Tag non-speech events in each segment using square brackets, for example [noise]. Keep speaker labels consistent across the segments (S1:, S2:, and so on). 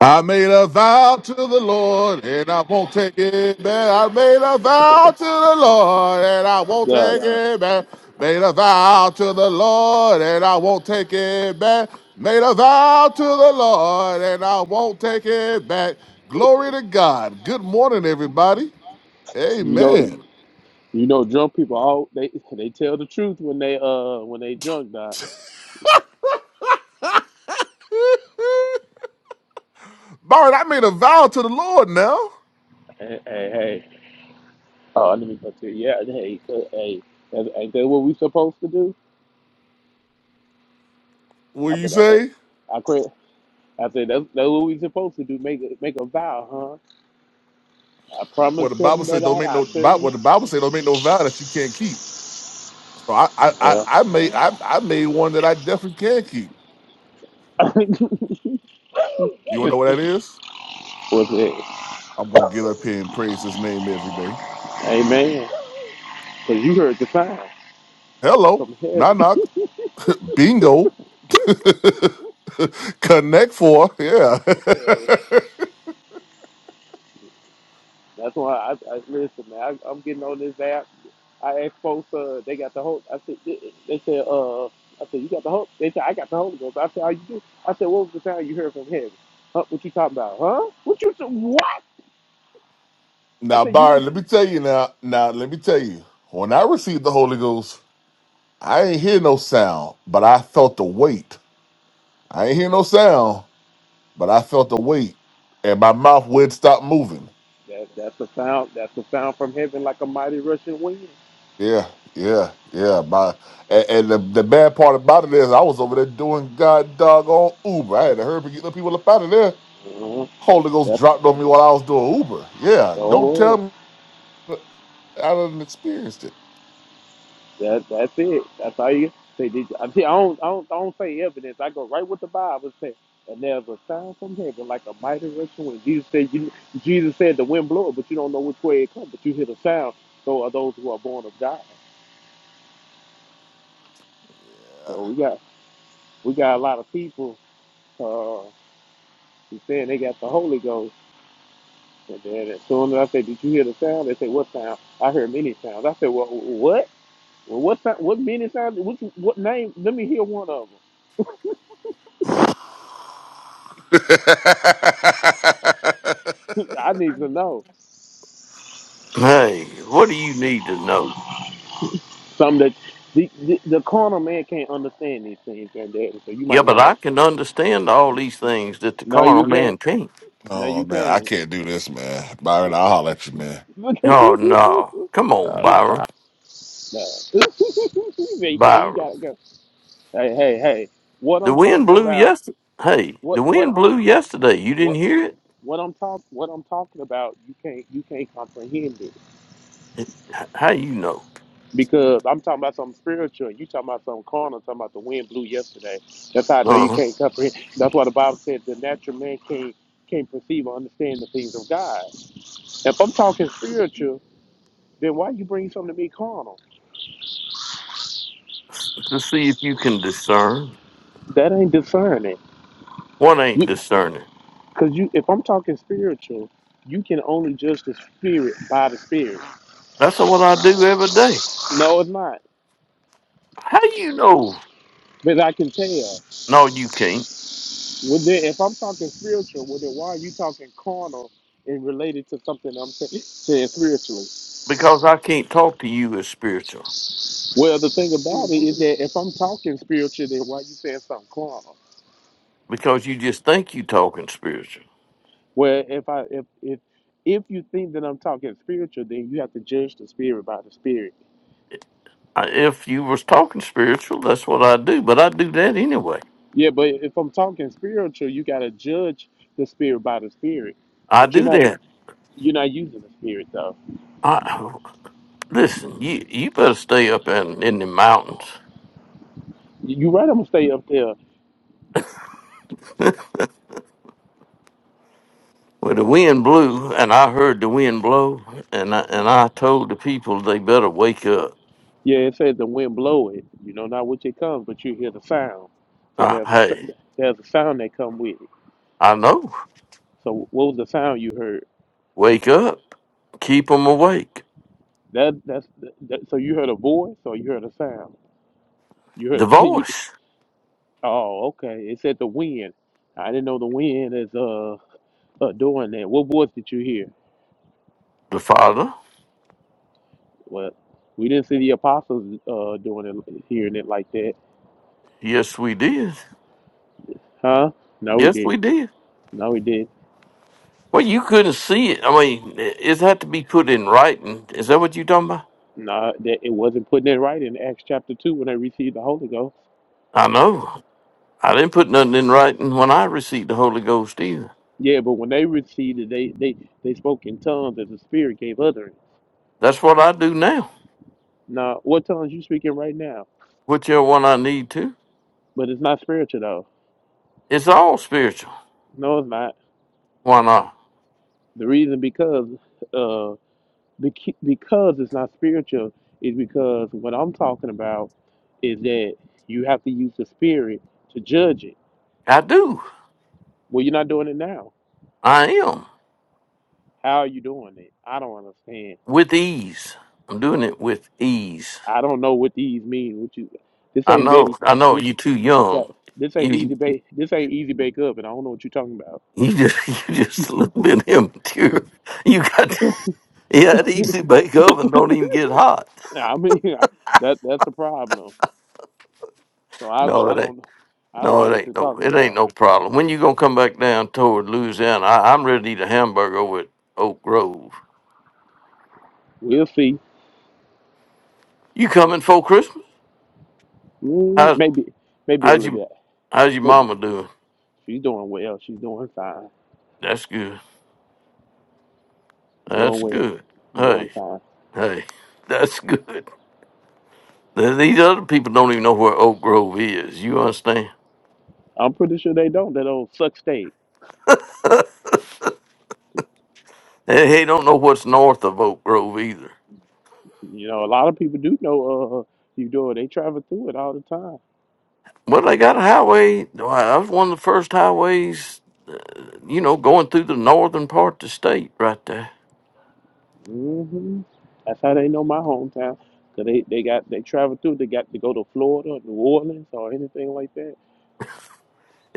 S1: I made a vow to the Lord and I won't take it back. I made a vow to the Lord and I won't
S2: Uh,
S1: take Yeah. it back. Made a vow to the Lord and I won't take it back. Made a vow to the Lord and I won't take it back. Glory to God. Good morning, everybody.
S2: you know,
S1: Amen.
S2: you know, drunk people all they they tell the truth when they uh when they drunk. Nah.
S1: Byron, I made a vow to the Lord now.
S2: Hey, hey, hey. Oh, let me go to yeah. Hey, uh, hey. That's, ain't that what we supposed to do?
S1: What do
S2: I
S1: you
S2: but I,
S1: say?
S2: I, I cra- I said that's that's what we supposed to do. Make a make a vow, huh? I
S1: What the
S2: promise
S1: Bible
S2: him
S1: says
S2: that
S1: don't
S2: I'd
S1: make
S2: I
S1: no Bi- what
S2: couldn't.
S1: the Bible says don't make no vow that you can't keep. So I I I,
S2: Yeah.
S1: I made I, I made one that I definitely can keep.
S2: [laughs]
S1: You wanna know what that is?
S2: What's it?
S1: I'm gonna get up here and praise his name every day.
S2: Amen. Cause you heard the sign
S1: Hello,
S2: from heaven.
S1: knock knock, [laughs] bingo, [laughs] connect four, yeah.
S2: [laughs] That's why I, I listen, man. I, I'm getting on this app. I asked folks, uh, they got the whole. I said, they said, uh, I said, you got the whole. They said, I got the Holy Ghost. I said, how you do? I said, what was the sound you heard from heaven? Huh? What you talking about? Huh? What you said? What?
S1: [laughs]
S2: I
S1: now
S2: said, you
S1: Byron,
S2: didn't.
S1: let me tell you now. Now let me tell you. When I received the Holy Ghost, I ain't hear no sound, but I felt the weight. I ain't hear no sound, but I felt the weight, and my mouth would stop moving.
S2: That, that's the sound. That's the sound from heaven, like a mighty rushing wind.
S1: Yeah, yeah, yeah. My and, and the, the bad part about it is I was over there doing god doggone Uber. I had to hurry up and get the people up out of there.
S2: Uh-huh.
S1: Holy Ghost
S2: That's
S1: dropped on me while I was doing Uber. Yeah,
S2: the
S1: don't
S2: whole.
S1: tell me I didn't experienced it.
S2: That that's it. That's all you say. Did you, I, see, I don't I don't I don't say evidence. I go right with the Bible says. And there's a sound from heaven like a mighty rushing wind. Jesus said you Jesus said the wind blow it, but you don't know which way it comes, but you hear the sound. So are those who are born of God.
S1: Yeah.
S2: So we got we got a lot of people uh who saying they got the Holy Ghost. And then as soon as I say, Did you hear the sound? They say, What sound? I heard many sounds. I said, Well what? Well, what sound, what many sounds? Which what name? Let me hear one of them.
S1: [laughs]
S2: [laughs] I need to know.
S3: Hey, what do you need to know?
S2: Some that the, the the carnal man can't understand these things, and that so you
S3: Yeah,
S2: might
S3: but
S2: want
S3: I
S2: to.
S3: can understand all these things that the
S2: No,
S3: carnal
S2: you can't.
S3: man can't.
S2: No,
S1: oh
S2: you
S1: man, I
S2: can't.
S1: can't do this, man.
S2: [laughs]
S1: Byron,
S2: no,
S1: I'll holler at you, man.
S2: [laughs] no,
S3: Oh
S2: you
S3: no. Come on, Byron.
S2: can't. You
S3: Byron.
S2: gotta go. Hey, hey, hey. What
S3: The
S2: I'm
S3: wind
S2: talking
S3: blew
S2: about?
S3: yesterday. Hey, the
S2: What what
S3: wind
S2: I'm
S3: blew yesterday. You didn't
S2: what
S3: hear it?
S2: what I'm talk what I'm talking about? You can't you can't comprehend it
S3: H- How you know?
S2: because I'm talking about something spiritual, and you talking about something carnal. talking about the wind blew yesterday. That's how I know you
S3: Uh-huh.
S2: can't comprehend. That's why the Bible said the natural man can't can't perceive or understand the things of God. If I'm talking spiritual, then why you bring something to me carnal?
S3: To see if you can discern.
S2: That ain't discerning.
S3: What ain't
S2: You,
S3: discerning?
S2: Cause you, if I'm talking spiritual, you can only judge the spirit by the spirit.
S3: That's what I do every day.
S2: No, it's not.
S3: How you know?
S2: But I can tell.
S3: No, you can't.
S2: Well, then, if I'm talking spiritual, well, then why are you talking carnal and related to something I'm saying, saying spiritually?
S3: Because I can't talk to you as spiritual.
S2: Well, the thing about it is that if I'm talking spiritual, then why are you saying something carnal?
S3: Because you just think you talking spiritual.
S2: Well, if I if if if you think that I'm talking spiritual, then you have to judge the spirit by the spirit
S3: I- if you was talking spiritual, that's what I do. But I do that anyway.
S2: Yeah, but if I'm talking spiritual, you gotta judge the spirit by the spirit.
S3: I
S2: But you're
S3: do
S2: not
S3: that.
S2: you're not using the spirit though.
S3: I [sighs] listen. You you better stay up in in the mountains
S2: You you right, I'm gonna stay up there.
S3: where the wind blew, and I heard the wind blow, and I, and I told the people they better wake up.
S2: Yeah, it says the wind blow it. You know, not which it comes, but you hear the sound. So
S3: Uh,
S2: there's a s-
S3: hey,
S2: there's a sound that come with it.
S3: I know.
S2: So what was the sound you heard?
S3: Wake up. Keep 'em awake.
S2: That that's that, so you heard a voice or you heard a sound? You heard
S3: The
S2: [laughs] you.
S3: voice,
S2: Oh, okay. It said the wind. I didn't know the wind is uh, uh doing that. What voice did you hear?
S3: the Father.
S2: Well, we didn't see the apostles uh, doing it, hearing it like that,
S3: Yes, we did.
S2: huh? No, we
S3: Yes,
S2: did.
S3: we did.
S2: No, we did.
S3: Well, you couldn't see it. I mean, it it had to be put in writing. Is that what you talking about?
S2: No, that it wasn't putting it right in Acts chapter two when they received the Holy Ghost.
S3: I know. I didn't put nothing in writing when I received the Holy Ghost either.
S2: Yeah, but when they received it, they they they spoke in tongues as the Spirit gave utterance.
S3: That's what I do now.
S2: Now, what tongues you speaking right now?
S3: Whichever one I need to.
S2: But it's not spiritual though.
S3: It's all spiritual.
S2: No, it's not.
S3: Why not?
S2: The reason because uh bec- because it's not spiritual is because what I'm talking about is that you have to use the Spirit to judge it
S3: I do.
S2: Well, you're not doing it now.
S3: I am.
S2: How are you doing it? I don't understand.
S3: With ease. I'm doing it with ease.
S2: I don't know what these mean. What you? This
S3: I
S2: ain't
S3: know.
S2: Betty.
S3: I
S2: [laughs]
S3: know
S2: This
S3: you too
S2: that.
S3: young.
S2: This ain't easy
S3: You
S2: bake. This ain't easy bake up, and I don't know what you're talking about.
S3: you just [laughs] you just a little bit immature. You got [laughs] you had easy bake oven, don't even get hot.
S2: I mean, [laughs] I, that that's the problem. So I don't,
S3: No,
S2: I
S3: it ain't.
S2: don't, I don't
S3: No,
S2: know
S3: it
S2: what
S3: ain't
S2: you're
S3: no,
S2: talking
S3: it ain't
S2: about.
S3: no problem. When you gonna come back down toward Louisiana? I, I'm ready to eat a hamburger over at Oak Grove.
S2: We'll see.
S3: You coming for Christmas?
S2: Mm,
S3: How's
S2: Maybe, maybe a
S3: how's
S2: little
S3: you
S2: bit.
S3: how's your
S2: Maybe
S3: mama doing?
S2: she's doing well. She's doing fine.
S3: That's good.
S2: Doing
S3: That's
S2: well.
S3: good.
S2: Doing
S3: Hey,
S2: fine.
S3: hey, [laughs] that's good. Th- These other people don't even know where Oak Grove is. You understand?
S2: I'm pretty sure they don't. That old suck stage.
S3: They, they don't know what's north of Oak Grove either.
S2: You know, a lot of people do know uh you do They travel through it all the time.
S3: Well, they got a highway. Why, That was one of the first highways, you know, going through the northern part of the state right there.
S2: hmm That's how they know my hometown. 'Cause they, they got they travel through. They got to go to Florida, New Orleans, or anything like that.
S3: [laughs]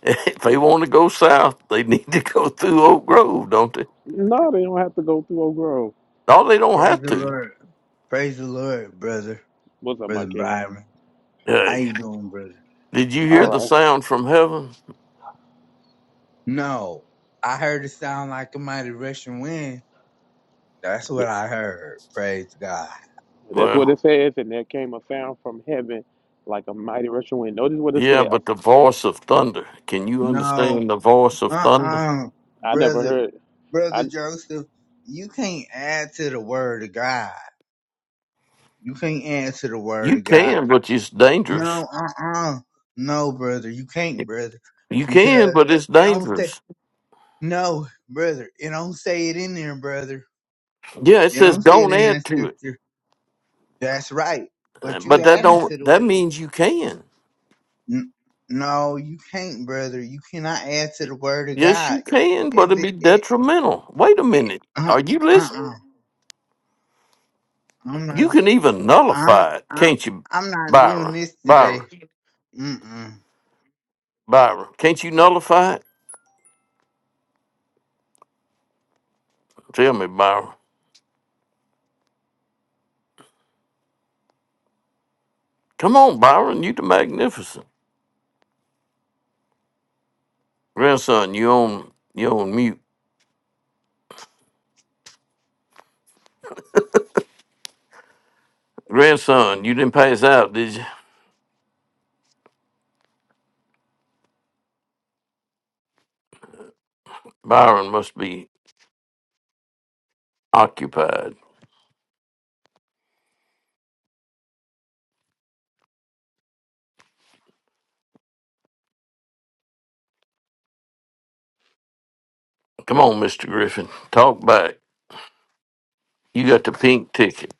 S3: [laughs] if they want to go south, they [laughs] need to go through Oak Grove, don't they?
S2: No, they don't have to go through Oak Grove.
S3: No, they don't
S4: Praise
S3: have
S4: the
S3: to.
S4: Lord. Praise the Lord, brother.
S2: What's up,
S4: Brother
S2: Michael?
S4: Byron. How
S3: Hey,
S4: you doing, brother?
S3: did you
S2: All
S3: hear the
S4: Brother,
S2: right,
S3: sound from heaven?
S4: no. I heard it sound like a mighty rushing wind. That's what I heard. Praise God.
S2: that's what
S3: Well,
S2: it says. And there came a sound from heaven, like a mighty rushing wind. Notice what it
S3: yeah,
S2: said.
S3: but the
S2: I,
S3: voice of thunder. Can you
S4: No.
S3: understand the voice of thunder?
S4: Uh-uh.
S2: I never
S4: Brother,
S2: heard. I
S4: brother Joseph, you can't add to the word of God. You can't add to the word
S3: You
S4: of God.
S3: can, but it's
S4: No,
S3: dangerous.
S4: uh-uh. No, brother. You can't, brother.
S3: You can,
S4: Because
S3: but it's
S4: it don't say,
S3: dangerous.
S4: no, brother. It don't say it in there, brother
S3: Yeah, it
S4: You
S3: says
S4: don't say it
S3: don't
S4: in that
S3: add to it,
S4: scripture. That's right.
S3: Uh,
S4: But you
S3: but that
S4: adding
S3: don't
S4: to the
S3: that means you can.
S4: N- no, you can't, brother. You cannot add to the word of
S3: Yes,
S4: God.
S3: you can, but
S4: If
S3: it'd
S4: it,
S3: be
S4: it,
S3: detrimental. Wait a
S4: it
S3: minute.
S4: uh,
S3: Are you listening?
S4: uh-uh. I'm not,
S3: You can even
S4: I'm,
S3: nullify it,
S4: I,
S3: can't you,
S4: I'm not doing
S3: Byron?
S4: this
S3: Byron,
S4: today. Mm-mm.
S3: Byron, can't you nullify it? Tell me, Byron. Come on, Byron, you the magnificent grandson. You on you on mute, grandson. You didn't pass out, did you? Byron must be occupied. Come on, Mister Griffin, talk back. You got the pink ticket.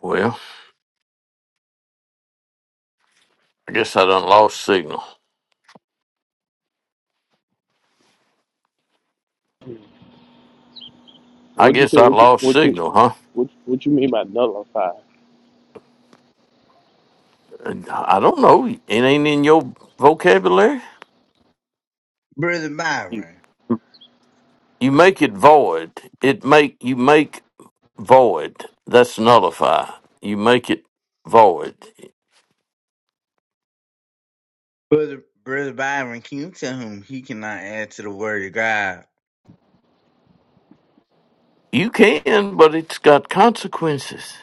S3: Well, I guess I done lost signal. I
S2: what you
S3: guess
S2: say?
S3: I
S2: What you
S3: lost
S2: what you
S3: signal, huh?
S2: what you, what you mean by nullify?
S3: I don't know. It ain't in your vocabulary.
S4: Brother
S2: You,
S4: Byron,
S3: You make it void. It make you make void. That's nullify. You make it void.
S4: brother, brother Byron, can you tell him he cannot add to the word of God?
S3: You can, but it's got consequences.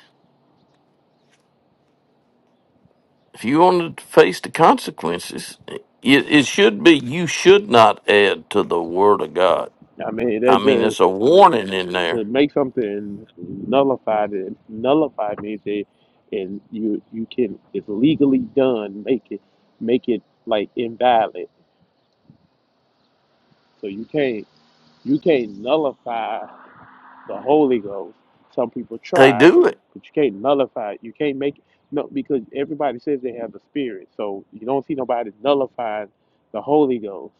S3: If you want to face the consequences, it, it should be you should not add to the word of God.
S2: I mean
S3: I
S2: that
S3: mean,
S2: just
S3: there's a warning in there.
S2: to make something nullified and nullified means that and you you can it's legally done make it make it like invalid so you can't you can't nullify the holy ghost some people
S3: They
S2: try
S3: do it.
S2: but you can't nullify it. you can't make it no because everybody says they have the spirit so you don't see nobody nullifying the holy ghost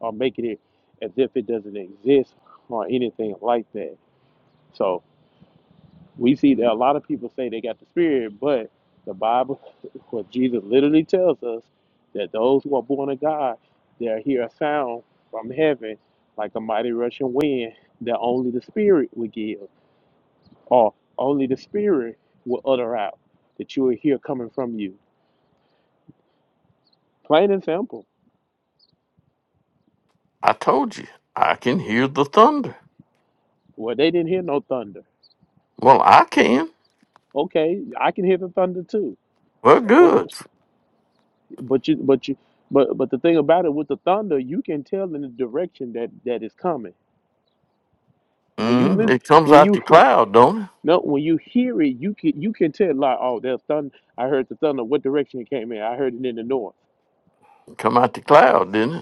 S2: or making it as if it doesn't exist or anything like that So. We see that a lot of people say they got the Spirit, but the Bible, [laughs] what Jesus literally tells us, that those who are born of God, they'll hear a sound from heaven like a mighty rushing wind that only the Spirit will give, or only the Spirit will utter out, that you will hear coming from you. Plain and simple.
S3: I told you. I can hear the thunder.
S2: Well, they didn't hear no thunder.
S3: Well, I can.
S2: Okay, I can hear the thunder too.
S3: Well,
S2: What's
S3: good.
S2: but you but you but but the thing about it with the thunder, you can tell in the direction that that is coming. When you
S3: hmm
S2: listen,
S3: It comes
S2: when
S3: out the
S2: you
S3: cloud, don't it?
S2: [laughs] no, when you hear it, you can you can tell like, oh, there's thunder. I heard the thunder. What direction it came in? I heard it in the north.
S3: It come out the cloud, didn't it?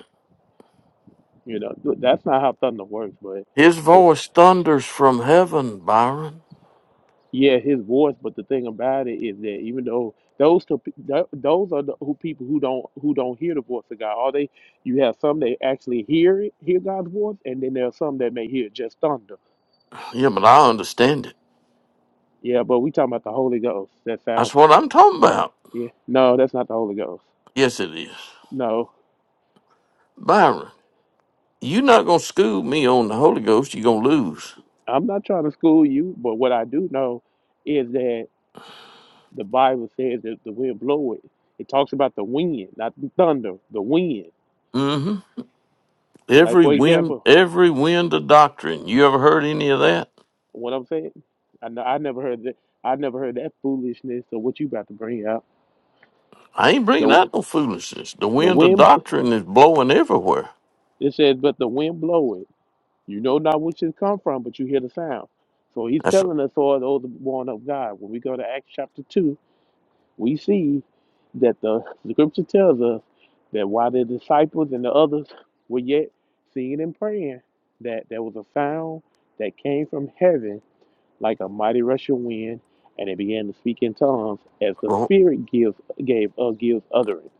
S2: You know, th- that's not how thunder works. But
S3: His
S2: uh,
S3: voice thunders from heaven, Byron.
S2: yeah, his voice. But the thing about it is that even though those two, pe- tho- those are the who people who don't who don't hear the voice of God. All they you have some that actually hear it, hear God's voice, and then there are some that may hear just thunder.
S3: Yeah, but I understand it.
S2: Yeah, but we talking about the Holy Ghost. That sounds
S3: That's what I'm talking about.
S2: yeah. No, that's not the Holy Ghost.
S3: Yes, it is.
S2: No.
S3: Byron, you're not going to school me on the Holy Ghost. You're going to lose.
S2: I'm not trying to school you, but what I do know is that the Bible says that the wind blow it. It talks about the wind, not the thunder, the wind.
S3: mm hmm
S2: Like
S3: Every
S2: for
S3: wind,
S2: example,
S3: every wind of doctrine. You ever heard any of that?
S2: what I'm saying, I know I never heard that. I never heard that foolishness of what you about to bring up.
S3: I ain't bringing
S2: The
S3: out no foolishness. The
S2: the
S3: wind of
S2: wind.
S3: doctrine is blowing everywhere.
S2: It says, but the wind blow it. You know not which it come from, but you hear the sound. So he's
S3: That's
S2: telling us all those born of God. When we go to Acts chapter two, We see that the [laughs] scripture tells us that while the disciples and the others were yet singing and praying, that there was a sound that came from heaven like a mighty rushing wind, and it began to speak in tongues as the
S3: and
S2: Spirit gives gave uh, gives utterance.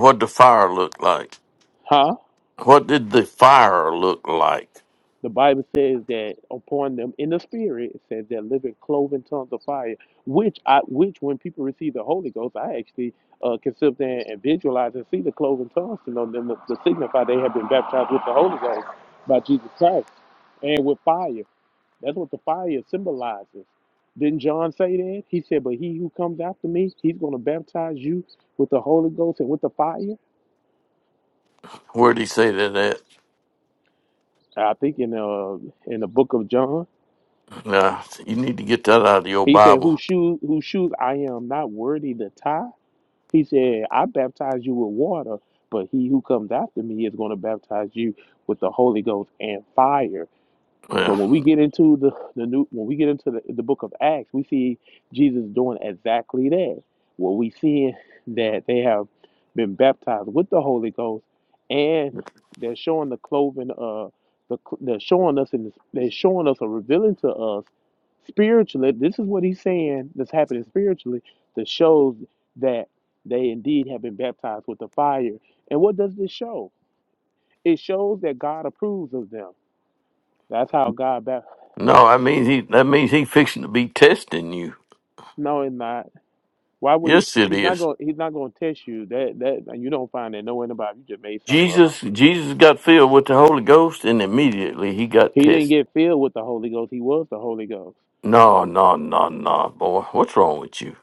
S3: what the fire looked like.
S2: Huh?
S3: What did the fire look like?
S2: The Bible says that upon them in the spirit, it says they're living cloven tongues of fire, which I which when people receive the Holy Ghost, I actually uh, can sit there and visualize and see the cloven tongues and on them to, to signify they have been baptized with the Holy Ghost by Jesus Christ and with fire. That's what the fire symbolizes. Didn't John say that? He said, But he who comes after me, he's gonna baptize you with the Holy Ghost and with the fire.
S3: Where did he say that at?
S2: I think in uh in the book of John.
S3: Nah, you need to get that out of your
S2: He said, whose
S3: Bible.
S2: shoes, whose shoes I am not worthy to tie. He said, I baptize you with water, but he who comes after me is going to baptize you with the Holy Ghost and fire. So
S3: Yeah.
S2: when we get into the, the new when we get into the, the book of Acts, we see Jesus doing exactly that. Well, we see that they have been baptized with the Holy Ghost, and they're showing the clothing uh the they're showing us and they're showing us or revealing to us spiritually. This is what he's saying that's happening spiritually that shows that they indeed have been baptized with the fire. And what does this show? It shows that God approves of them. That's how God baptized.
S3: No, I mean he. That means he fixing to be testing you.
S2: knowing that why would he
S3: Yes, it
S2: he's not
S3: is.
S2: going he's not going to test you that that you don't find that nowhere in the bible you just made something up
S3: Jesus, Jesus got filled with the Holy Ghost, and immediately he got
S2: he didn't
S3: tested.
S2: get filled with the holy ghost he was the holy ghost
S3: No, no, no, no, boy. What's wrong with you?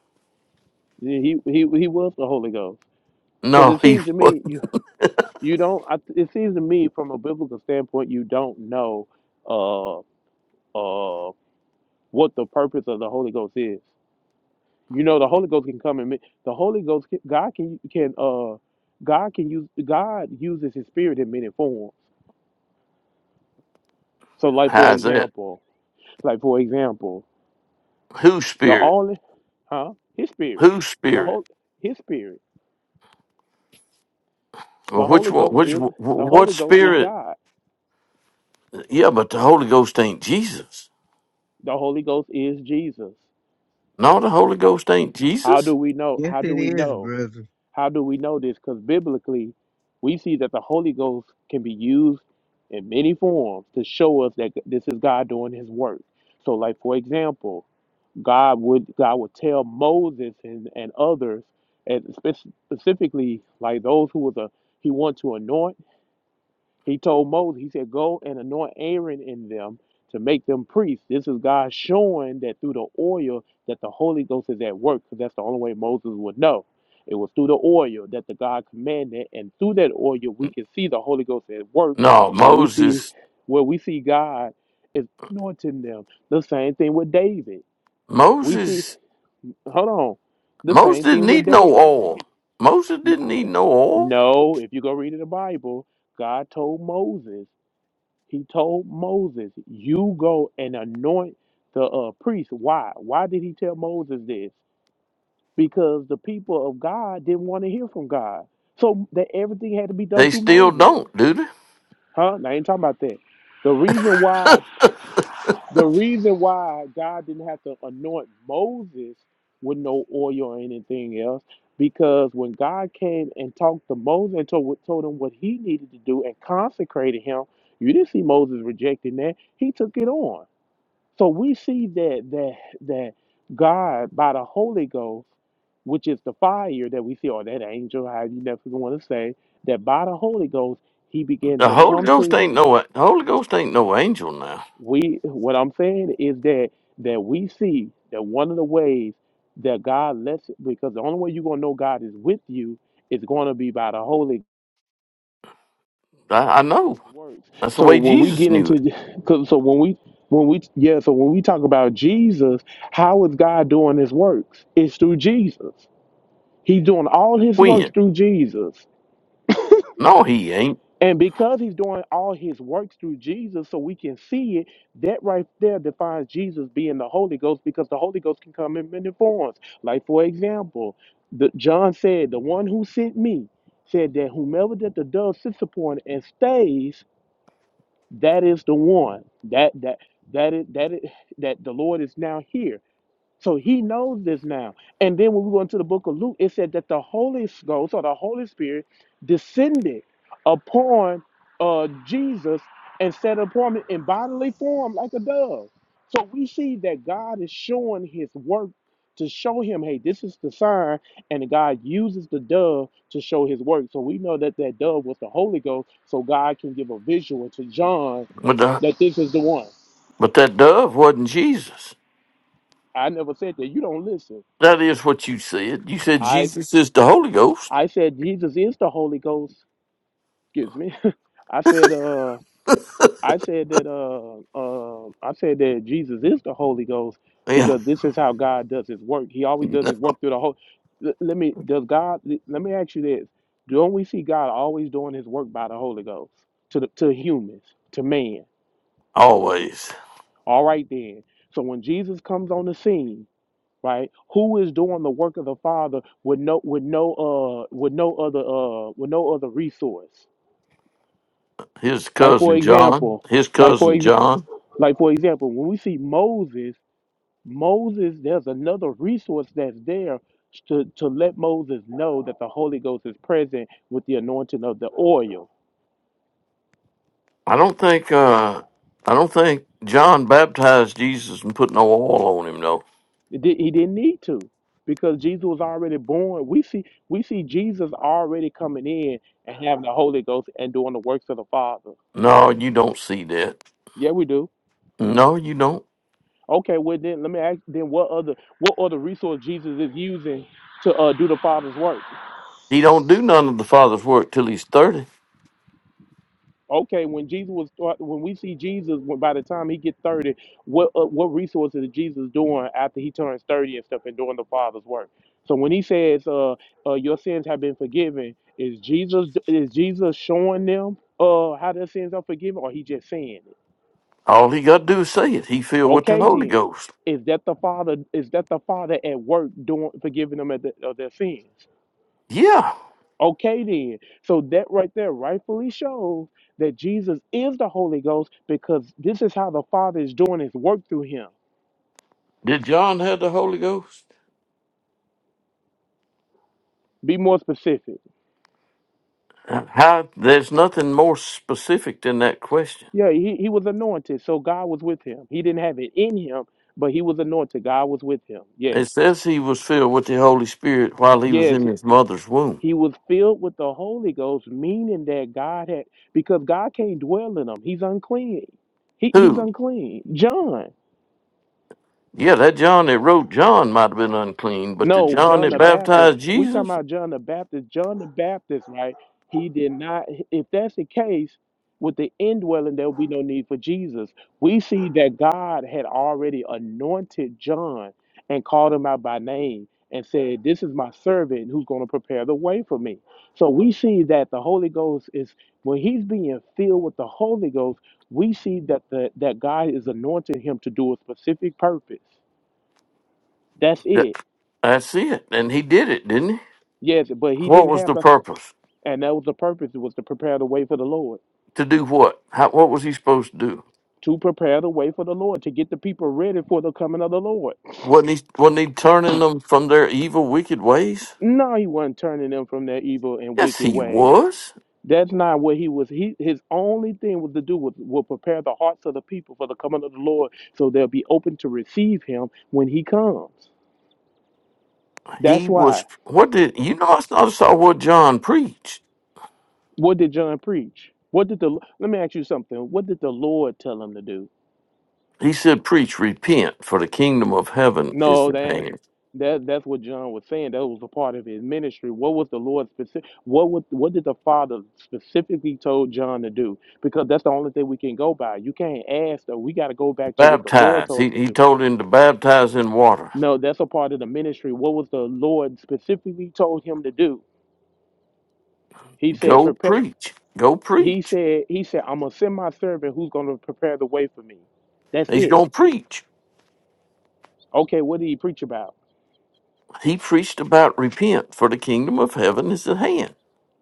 S2: he he, he was the holy ghost because
S3: No,
S2: it
S3: [laughs] he.
S2: seems to
S3: What?
S2: me you you don't I, it seems to me from a biblical standpoint you don't know uh uh what the purpose of the holy ghost is you know the holy ghost can come and ma- the holy ghost can, god can can uh god can use god uses his spirit in many forms so like for
S3: How's that?
S2: example Like for example,
S3: Whose
S2: the
S3: spirit?
S2: only huh? His spirit.
S3: Whose
S2: The whole
S3: spirit?
S2: his spirit.
S3: Well,
S2: The
S3: which
S2: Holy
S3: one?
S2: Ghost
S3: Which
S2: is
S3: wh-
S2: the
S3: what
S2: Holy Ghost is
S3: spirit?
S2: God.
S3: Yeah, but the Holy Ghost ain't Jesus.
S2: The Holy Ghost is Jesus.
S3: No, the Holy
S2: H-
S3: Ghost ain't
S2: How
S3: Jesus.
S2: do we know?
S4: Yes,
S2: How do
S4: it
S2: we
S4: is,
S2: know?
S4: brother.
S2: How do we know this? Because biblically, we see that the Holy Ghost can be used in many forms to show us that this is God doing his work. So, like for example, God would God would tell Moses and, and others, and spe- specifically like those who was a he wanted to anoint. He told Moses, he said, "Go and anoint Aaron in them to make them priests." This is God showing that through the oil that the Holy Ghost is at work, because that's the only way Moses would know. It was through the oil that the God commanded, and through that oil we can see the Holy Ghost at work,
S3: No,
S2: where we see
S3: Moses.
S2: where we see God is anointing them. The same thing with David. We see
S3: Moses.
S2: Hold on. The
S3: Moses
S2: same
S3: didn't
S2: thing with
S3: need no
S2: David.
S3: oil. Moses
S2: N-
S3: didn't need no oil.
S2: No, if you go read in the Bible, God told Moses, He told Moses, you go and anoint the uh, priest. Why? Why did He tell Moses this? Because the people of God didn't want to hear from God. So that everything had to be done
S3: They
S2: through
S3: still
S2: Moses.
S3: don't, do they?
S2: Huh? Now, I ain't talking about that. The reason why The reason why God didn't have to anoint Moses with no oil or anything else, because when God came and talked to Moses and told, told him what he needed to do and consecrated him, you didn't see Moses rejecting that. He took it on. So we see that that that God by the Holy Ghost, which is the fire that we see, or that angel, how you never want to say, that by the Holy Ghost, he
S3: The
S2: began to
S3: Holy
S2: come to
S3: Ghost ain't no the Holy Ghost ain't no angel now.
S2: we what i'm saying is that that we see that one of the ways that god lets because the only way you're going to know god is with you is going to be by the holy
S3: I, I
S2: show
S3: know.
S2: his works
S3: That's the
S2: so
S3: way
S2: when we
S3: Jesus
S2: get
S3: knew it.
S2: into 'cause- so when we when we yeah so when we talk about jesus how is god doing his works it's through jesus he's doing all his works
S3: When?
S2: through jesus
S3: No, he ain't.
S2: And because he's doing all his works through Jesus, so we can see it, that right there defines Jesus being the Holy Ghost because the Holy Ghost can come in many forms. Like, for example, the, John said, The one who sent me said that whomever that the dove sits upon and stays, that is the one. That that that is that is, [laughs] that the Lord is now here. So he knows this now. And then when we go into the book of Luke, it said that the Holy Ghost or the Holy Spirit descended upon uh, Jesus and set upon him in bodily form like a dove. So we see that God is showing his work to show him, hey, this is the sign. And God uses the dove to show his work. So we know that that dove was the Holy Ghost. So God can give a visual to John
S3: But the,
S2: that this is the one.
S3: but that dove wasn't Jesus.
S2: I never said that. You don't listen.
S3: That is what you said. You said
S2: I.
S3: Jesus is the Holy Ghost.
S2: I said Jesus is the Holy Ghost. Excuse me. [laughs] I said uh I said that uh uh I said that Jesus is the Holy Ghost
S3: Yeah.
S2: because this is how God does his work. He always does
S3: [laughs]
S2: his work through the whole L- let me does God let me ask you this. Don't we see God always doing his work by the Holy Ghost to the, to humans, to man.
S3: Always.
S2: All right then. So when Jesus comes on the scene, right? Who is doing the work of the Father with no with no uh with no other uh with no other resource?
S3: His
S2: Like for
S3: cousin John.
S2: example,
S3: His
S2: like for
S3: cousin
S2: ex-
S3: John.
S2: like for example, when we see Moses, Moses, there's another resource that's there to, to let Moses know that the Holy Ghost is present with the anointing of the oil.
S3: I don't think uh I don't think John baptized Jesus and put no oil on him though.
S2: It di- He didn't need to because Jesus was already born. We see we see Jesus already coming in and having the Holy Ghost and doing the works of the Father.
S3: No, you don't see that.
S2: Yeah, we do.
S3: No, you don't.
S2: Okay, well then let me ask then what other what other resource Jesus is using to uh, do the Father's work?
S3: He don't do none of the Father's work till he's thirty.
S2: Okay, when Jesus was when we see Jesus, when by the time he get thirty, what uh, what resources is Jesus doing after he turns thirty and stuff and doing the Father's work? So when he says, uh, uh "Your sins have been forgiven," is Jesus is Jesus showing them uh how their sins are forgiven, or he just saying it?
S3: All he got to do is say it. He filled with the
S2: Okay,
S3: Holy
S2: then
S3: Ghost.
S2: is that the Father is that the Father at work doing forgiving them of, the, of their sins?
S3: Yeah.
S2: Okay, then. So that right there rightfully shows that Jesus is the Holy Ghost because this is how the Father is doing his work through him.
S3: Did John have the Holy Ghost?
S2: Be more specific.
S3: Uh, How? There's nothing more specific than that question.
S2: Yeah, he, he was anointed, so God was with him. He didn't have it in him, but he was anointed. God was with him. Yes.
S3: It says he was filled with the Holy Spirit while he was
S2: Yes.
S3: in his mother's womb.
S2: He was filled with the Holy Ghost, meaning that God had, because God can't dwell in him. He's unclean. He, he's
S3: Who?
S2: unclean. John.
S3: Yeah, that John that wrote John might have been unclean, but the
S2: No,
S3: John
S2: John
S3: that
S2: the Baptist.
S3: baptized
S2: We talking
S3: Jesus,
S2: about John the Baptist. John the Baptist, right? He did not. If that's the case, with the indwelling, there will be no need for Jesus. We see that God had already anointed John and called him out by name and said, "This is my servant who's going to prepare the way for me." So we see that the Holy Ghost is when he's being filled with the Holy Ghost. We see that the that God is anointing him to do a specific purpose. That's
S3: that,
S2: it.
S3: that's it. And he did it, didn't he?
S2: Yes, but he
S3: What
S2: didn't
S3: was
S2: have
S3: the
S2: the
S3: purpose?
S2: And that was the purpose. It was to prepare the way for the Lord.
S3: To do what? How, what was he supposed to do?
S2: To prepare the way for the Lord, to get the people ready for the coming of the Lord.
S3: Wasn't he, wasn't he turning them from their evil, wicked ways?
S2: No, he wasn't turning them from their evil and
S3: Yes,
S2: wicked
S3: he
S2: ways.
S3: was.
S2: That's not what he was. He his only thing was to do was, was prepare the hearts of the people for the coming of the Lord so they'll be open to receive him when he comes.
S3: He
S2: That's why.
S3: was. What did you know? I saw I saw what John preached.
S2: What did John preach? What did the let me ask you something. What did the Lord tell him to do?
S3: He said, "Preach, repent, for the kingdom of heaven is
S2: No,
S3: at
S2: that
S3: hand."
S2: that that's what John was saying. That was a part of his ministry. What was the Lord specific? What would what did the Father specifically told John to do? Because that's the only thing we can go by. You can't ask though. We got to go back to what the Lord
S3: Baptize.
S2: told
S3: He
S2: him
S3: he
S2: to do.
S3: told him to baptize in water.
S2: No, that's a part of the ministry. What was the Lord specifically told him to do? He said,
S3: Go
S2: prepare.
S3: preach. Go
S2: He
S3: preach.
S2: said, he said, I'm gonna send my servant who's gonna prepare the way for me. That's
S3: He's
S2: it.
S3: gonna preach.
S2: Okay, what did he preach about?
S3: He preached about repent, for the kingdom of heaven is at hand.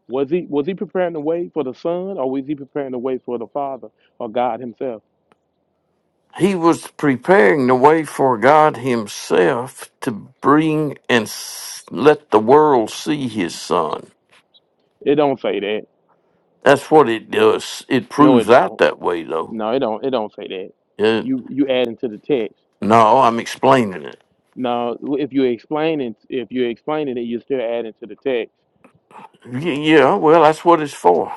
S2: Was he was he preparing the way for the Son, or was he preparing the way for the Father or God Himself?
S3: He was preparing the way for God Himself to bring and s- let the world see His Son.
S2: It don't say that.
S3: That's what it does. It
S2: No,
S3: proves
S2: it
S3: out
S2: don't.
S3: that way, though.
S2: No, it don't. It don't say that.
S3: It,
S2: You you adding to the text.
S3: no, I'm explaining it.
S2: Now, if you are explaining, if you're explaining it, you're still adding to the text.
S3: Y- yeah, well, that's what it's for.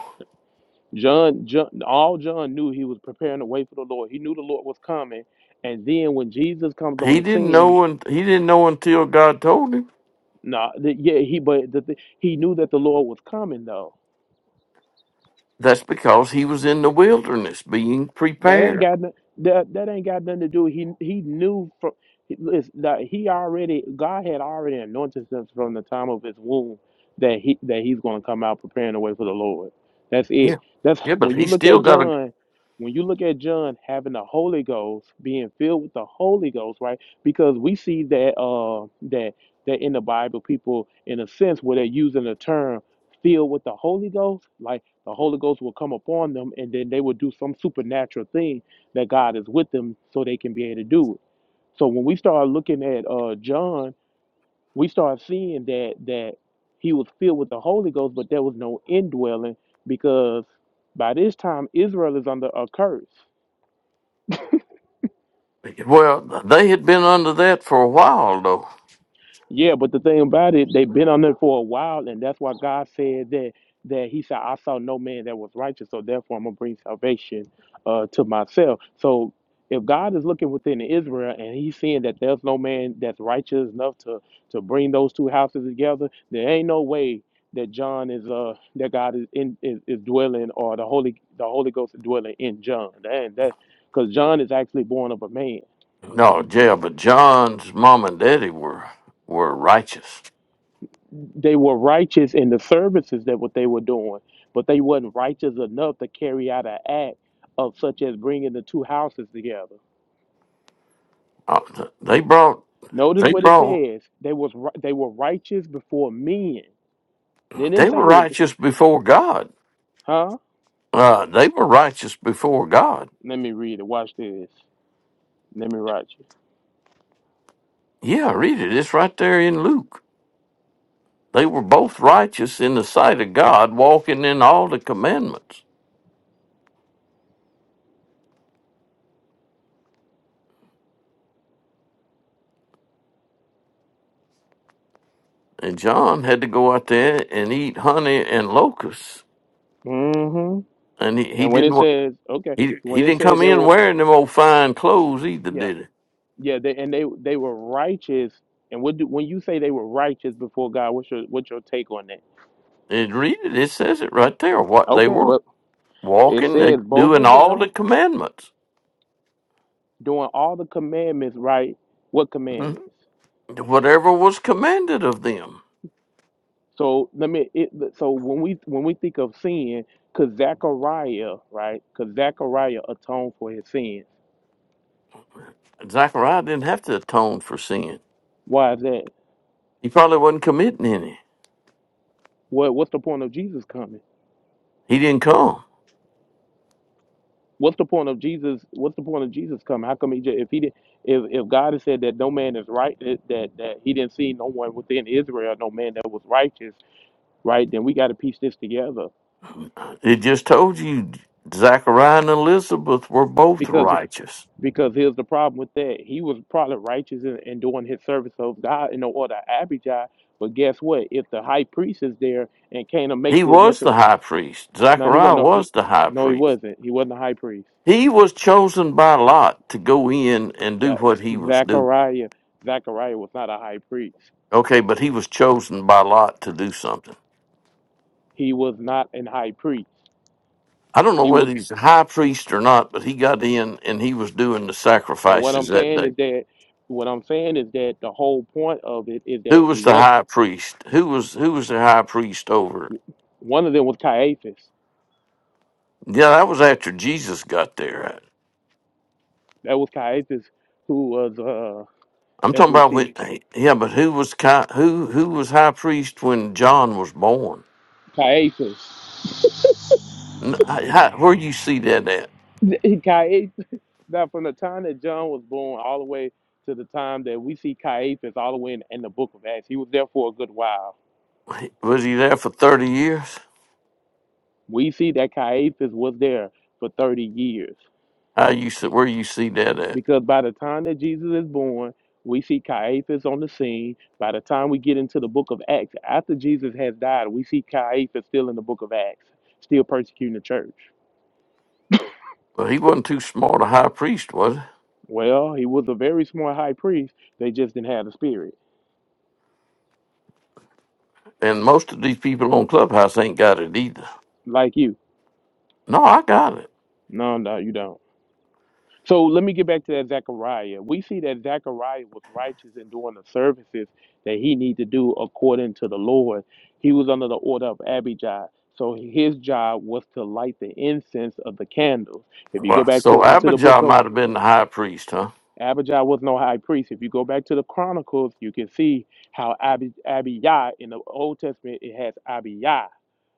S2: John, John, all John knew he was preparing the way for the Lord. He knew the Lord was coming, and then when Jesus comes on
S3: He
S2: the
S3: didn't
S2: scene,
S3: know, and he didn't know until God told him.
S2: nah, th- yeah, he but the, th- he knew that the Lord was coming though.
S3: That's because he was in the wilderness being
S2: That ain't
S3: prepared.
S2: got no- that, that ain't got nothing to do. He he knew from listen, that he already God had already anointed him from the time of his womb that he that he's going to come out preparing the way for the Lord. That's
S3: Yeah,
S2: it. That's
S3: yeah, but
S2: when
S3: he
S2: you look
S3: still
S2: at
S3: got a.
S2: John. When you look at John having the Holy Ghost, being filled with the Holy Ghost, right? Because we see that uh that that in the Bible, people in a sense where they're using the term filled with the Holy Ghost, like the Holy Ghost will come upon them, and then they will do some supernatural thing that God is with them, so they can be able to do it. So when we start looking at uh, John, we start seeing that that he was filled with the Holy Ghost, but there was no indwelling because by this time Israel is under a curse.
S3: Well, they had been under that for a while, though.
S2: Yeah, but the thing about it, they've been on there for a while, and that's why God said that that He said, "I saw no man that was righteous, so therefore I'm gonna bring salvation uh, to myself." So if God is looking within Israel and He's seeing that there's no man that's righteous enough to to bring those two houses together, there ain't no way that John is uh that God is in is, is dwelling or the Holy the Holy Ghost is dwelling in John, and that because John is actually born of a man.
S3: No, yeah, but John's mom and daddy were were righteous.
S2: they were righteous in the services that what they were doing, but they wasn't righteous enough to carry out an act of such as bringing the two houses together.
S3: Uh, th- they brought
S2: Notice
S3: they
S2: what it
S3: brought
S2: says: they was ri- they were righteous before men. They didn't
S3: they
S2: say
S3: were
S2: it was,
S3: righteous before God.
S2: huh?
S3: Uh, they were righteous before God.
S2: Let me read it. Watch this. Let me write you.
S3: Yeah, read it. It's right there in Luke. They were both righteous in the sight of God, walking in all the commandments. And John had to go out there and eat honey and locusts,
S2: hmm
S3: and he, he
S2: And when
S3: didn't
S2: it
S3: wa-
S2: says, okay,
S3: he
S2: when
S3: he
S2: it
S3: didn't
S2: says
S3: come
S2: they
S3: in
S2: were,
S3: wearing them old fine clothes either,
S2: yeah,
S3: did
S2: yeah, they and they they were righteous. And what do, when you say they were righteous before God, what's your what's your take on that?
S3: he? And read it. It says it right there what they
S2: Okay,
S3: were.
S2: but it
S3: walking, and
S2: says both
S3: doing
S2: of
S3: all
S2: them
S3: the commandments,
S2: doing all the commandments right what
S3: Mhm.
S2: commandments
S3: whatever was commanded of them.
S2: so let me it, so when we when we think of sin because zechariah right because zechariah atoned for his sin
S3: Zechariah didn't have to atone for sin.
S2: why is that
S3: He probably wasn't committing any.
S2: what what's the point of jesus coming
S3: He didn't come.
S2: what's the point of jesus what's the point of jesus coming how come he just, if he did if, if god has said that no man is right that, that that he didn't see no one within israel no man that was righteous right then we got to piece this together
S3: It just told you Zechariah and Elizabeth were both
S2: because.
S3: righteous.
S2: Because here's the problem with that. He was probably righteous in, in doing his service of God in the order of Abijah. But guess what? If the high priest is there and can't make
S3: He
S2: the
S3: was
S2: necessary.
S3: the high priest.
S2: No, he
S3: Zechariah
S2: wasn't. No,
S3: was
S2: he,
S3: the high
S2: no, he
S3: priest.
S2: wasn't. He wasn't a high priest.
S3: He was chosen by Lot to go in and do
S2: That
S3: what he
S2: [laughs]
S3: was doing.
S2: Zachariah, Zachariah was not a high priest.
S3: Okay, but he was chosen by Lot to do something.
S2: He was not an high priest.
S3: I don't know
S2: He
S3: whether
S2: was.
S3: he's a high priest or not, but he got in and he was doing the
S2: And what
S3: sacrifices
S2: I'm
S3: that
S2: saying
S3: day.
S2: is that, what I'm saying is that the whole point of it is that
S3: Who
S2: he
S3: was the
S2: was.
S3: high priest? Who was who was the high priest over?
S2: One of them was Caiaphas.
S3: Yeah, that was after Jesus got there.
S2: That was Caiaphas, who was, uh,
S3: I'm
S2: as
S3: talking
S2: we
S3: about
S2: see.
S3: when. Yeah, but who was ki- who who was high priest when John was born?
S2: Caiaphas.
S3: N- How, where you see that at?
S2: [laughs] Caiaphas. Now, from the time that John was born all the way to the time that we see Caiaphas all the way in, in the book of Acts, he was there for a good while.
S3: Was he there for thirty years?
S2: We see that Caiaphas was there for 30 years
S3: How you see- where you see that at?
S2: because by the time that Jesus is born, we see Caiaphas on the scene. By the time we get into the book of Acts, after Jesus has died, we see Caiaphas still in the book of Acts, still persecuting the church.
S3: Well, he wasn't too smart a high priest, was he?
S2: Well, he was a very smart high priest. They just didn't have the spirit,
S3: And most of these people on Clubhouse ain't got it either.
S2: like you.
S3: No, I got it.
S2: No, no, you don't. So let me get back to that Zechariah. We see that Zechariah was righteous in doing the services that he need to do according to the Lord. He was under the order of Abijah. So his job was to light the incense of the candles. If you go
S3: Wow.
S2: back to
S3: So
S2: into the
S3: Abijah
S2: book of
S3: might have been the high priest, huh?
S2: Abijah was no high priest. If you go back to the Chronicles, you can see how Abi, Abijah in the Old Testament it has Abijah,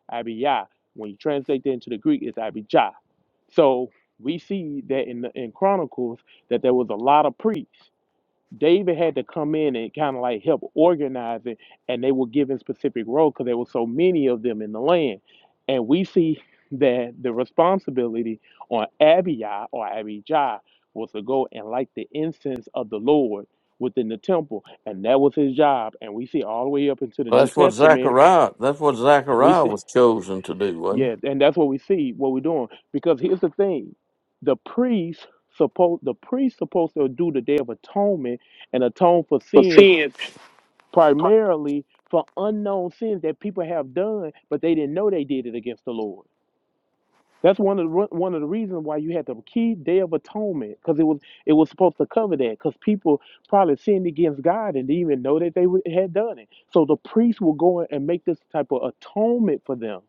S2: Abijah. When you translate that into the Greek, it's Abijah. So we see that in the, in Chronicles that there was a lot of priests. David had to come in and kind of like help organize it, and they were given specific roles because there were so many of them in the land. And we see that the responsibility on Abijah or Abijah was to go and light the incense of the Lord within the temple, and that was his job. And we see all the way up into the
S3: Well,
S2: New
S3: that's what
S2: Testament.
S3: Zechariah. That's what
S2: We
S3: Zechariah
S2: see
S3: was chosen to do, wasn't it?
S2: yeah, and that's what we see, what we're doing. Because here's the thing. The priest supposed the priest supposed to do the day of atonement and atone for sins primarily for unknown sins that people have done, but they didn't know they did it against the Lord. That's one of the re- one of the reasons why you had the key day of atonement, because it was it was supposed to cover that, because people probably sinned against God and didn't even know that they would- had done it. So the priest will go in and make this type of atonement for them,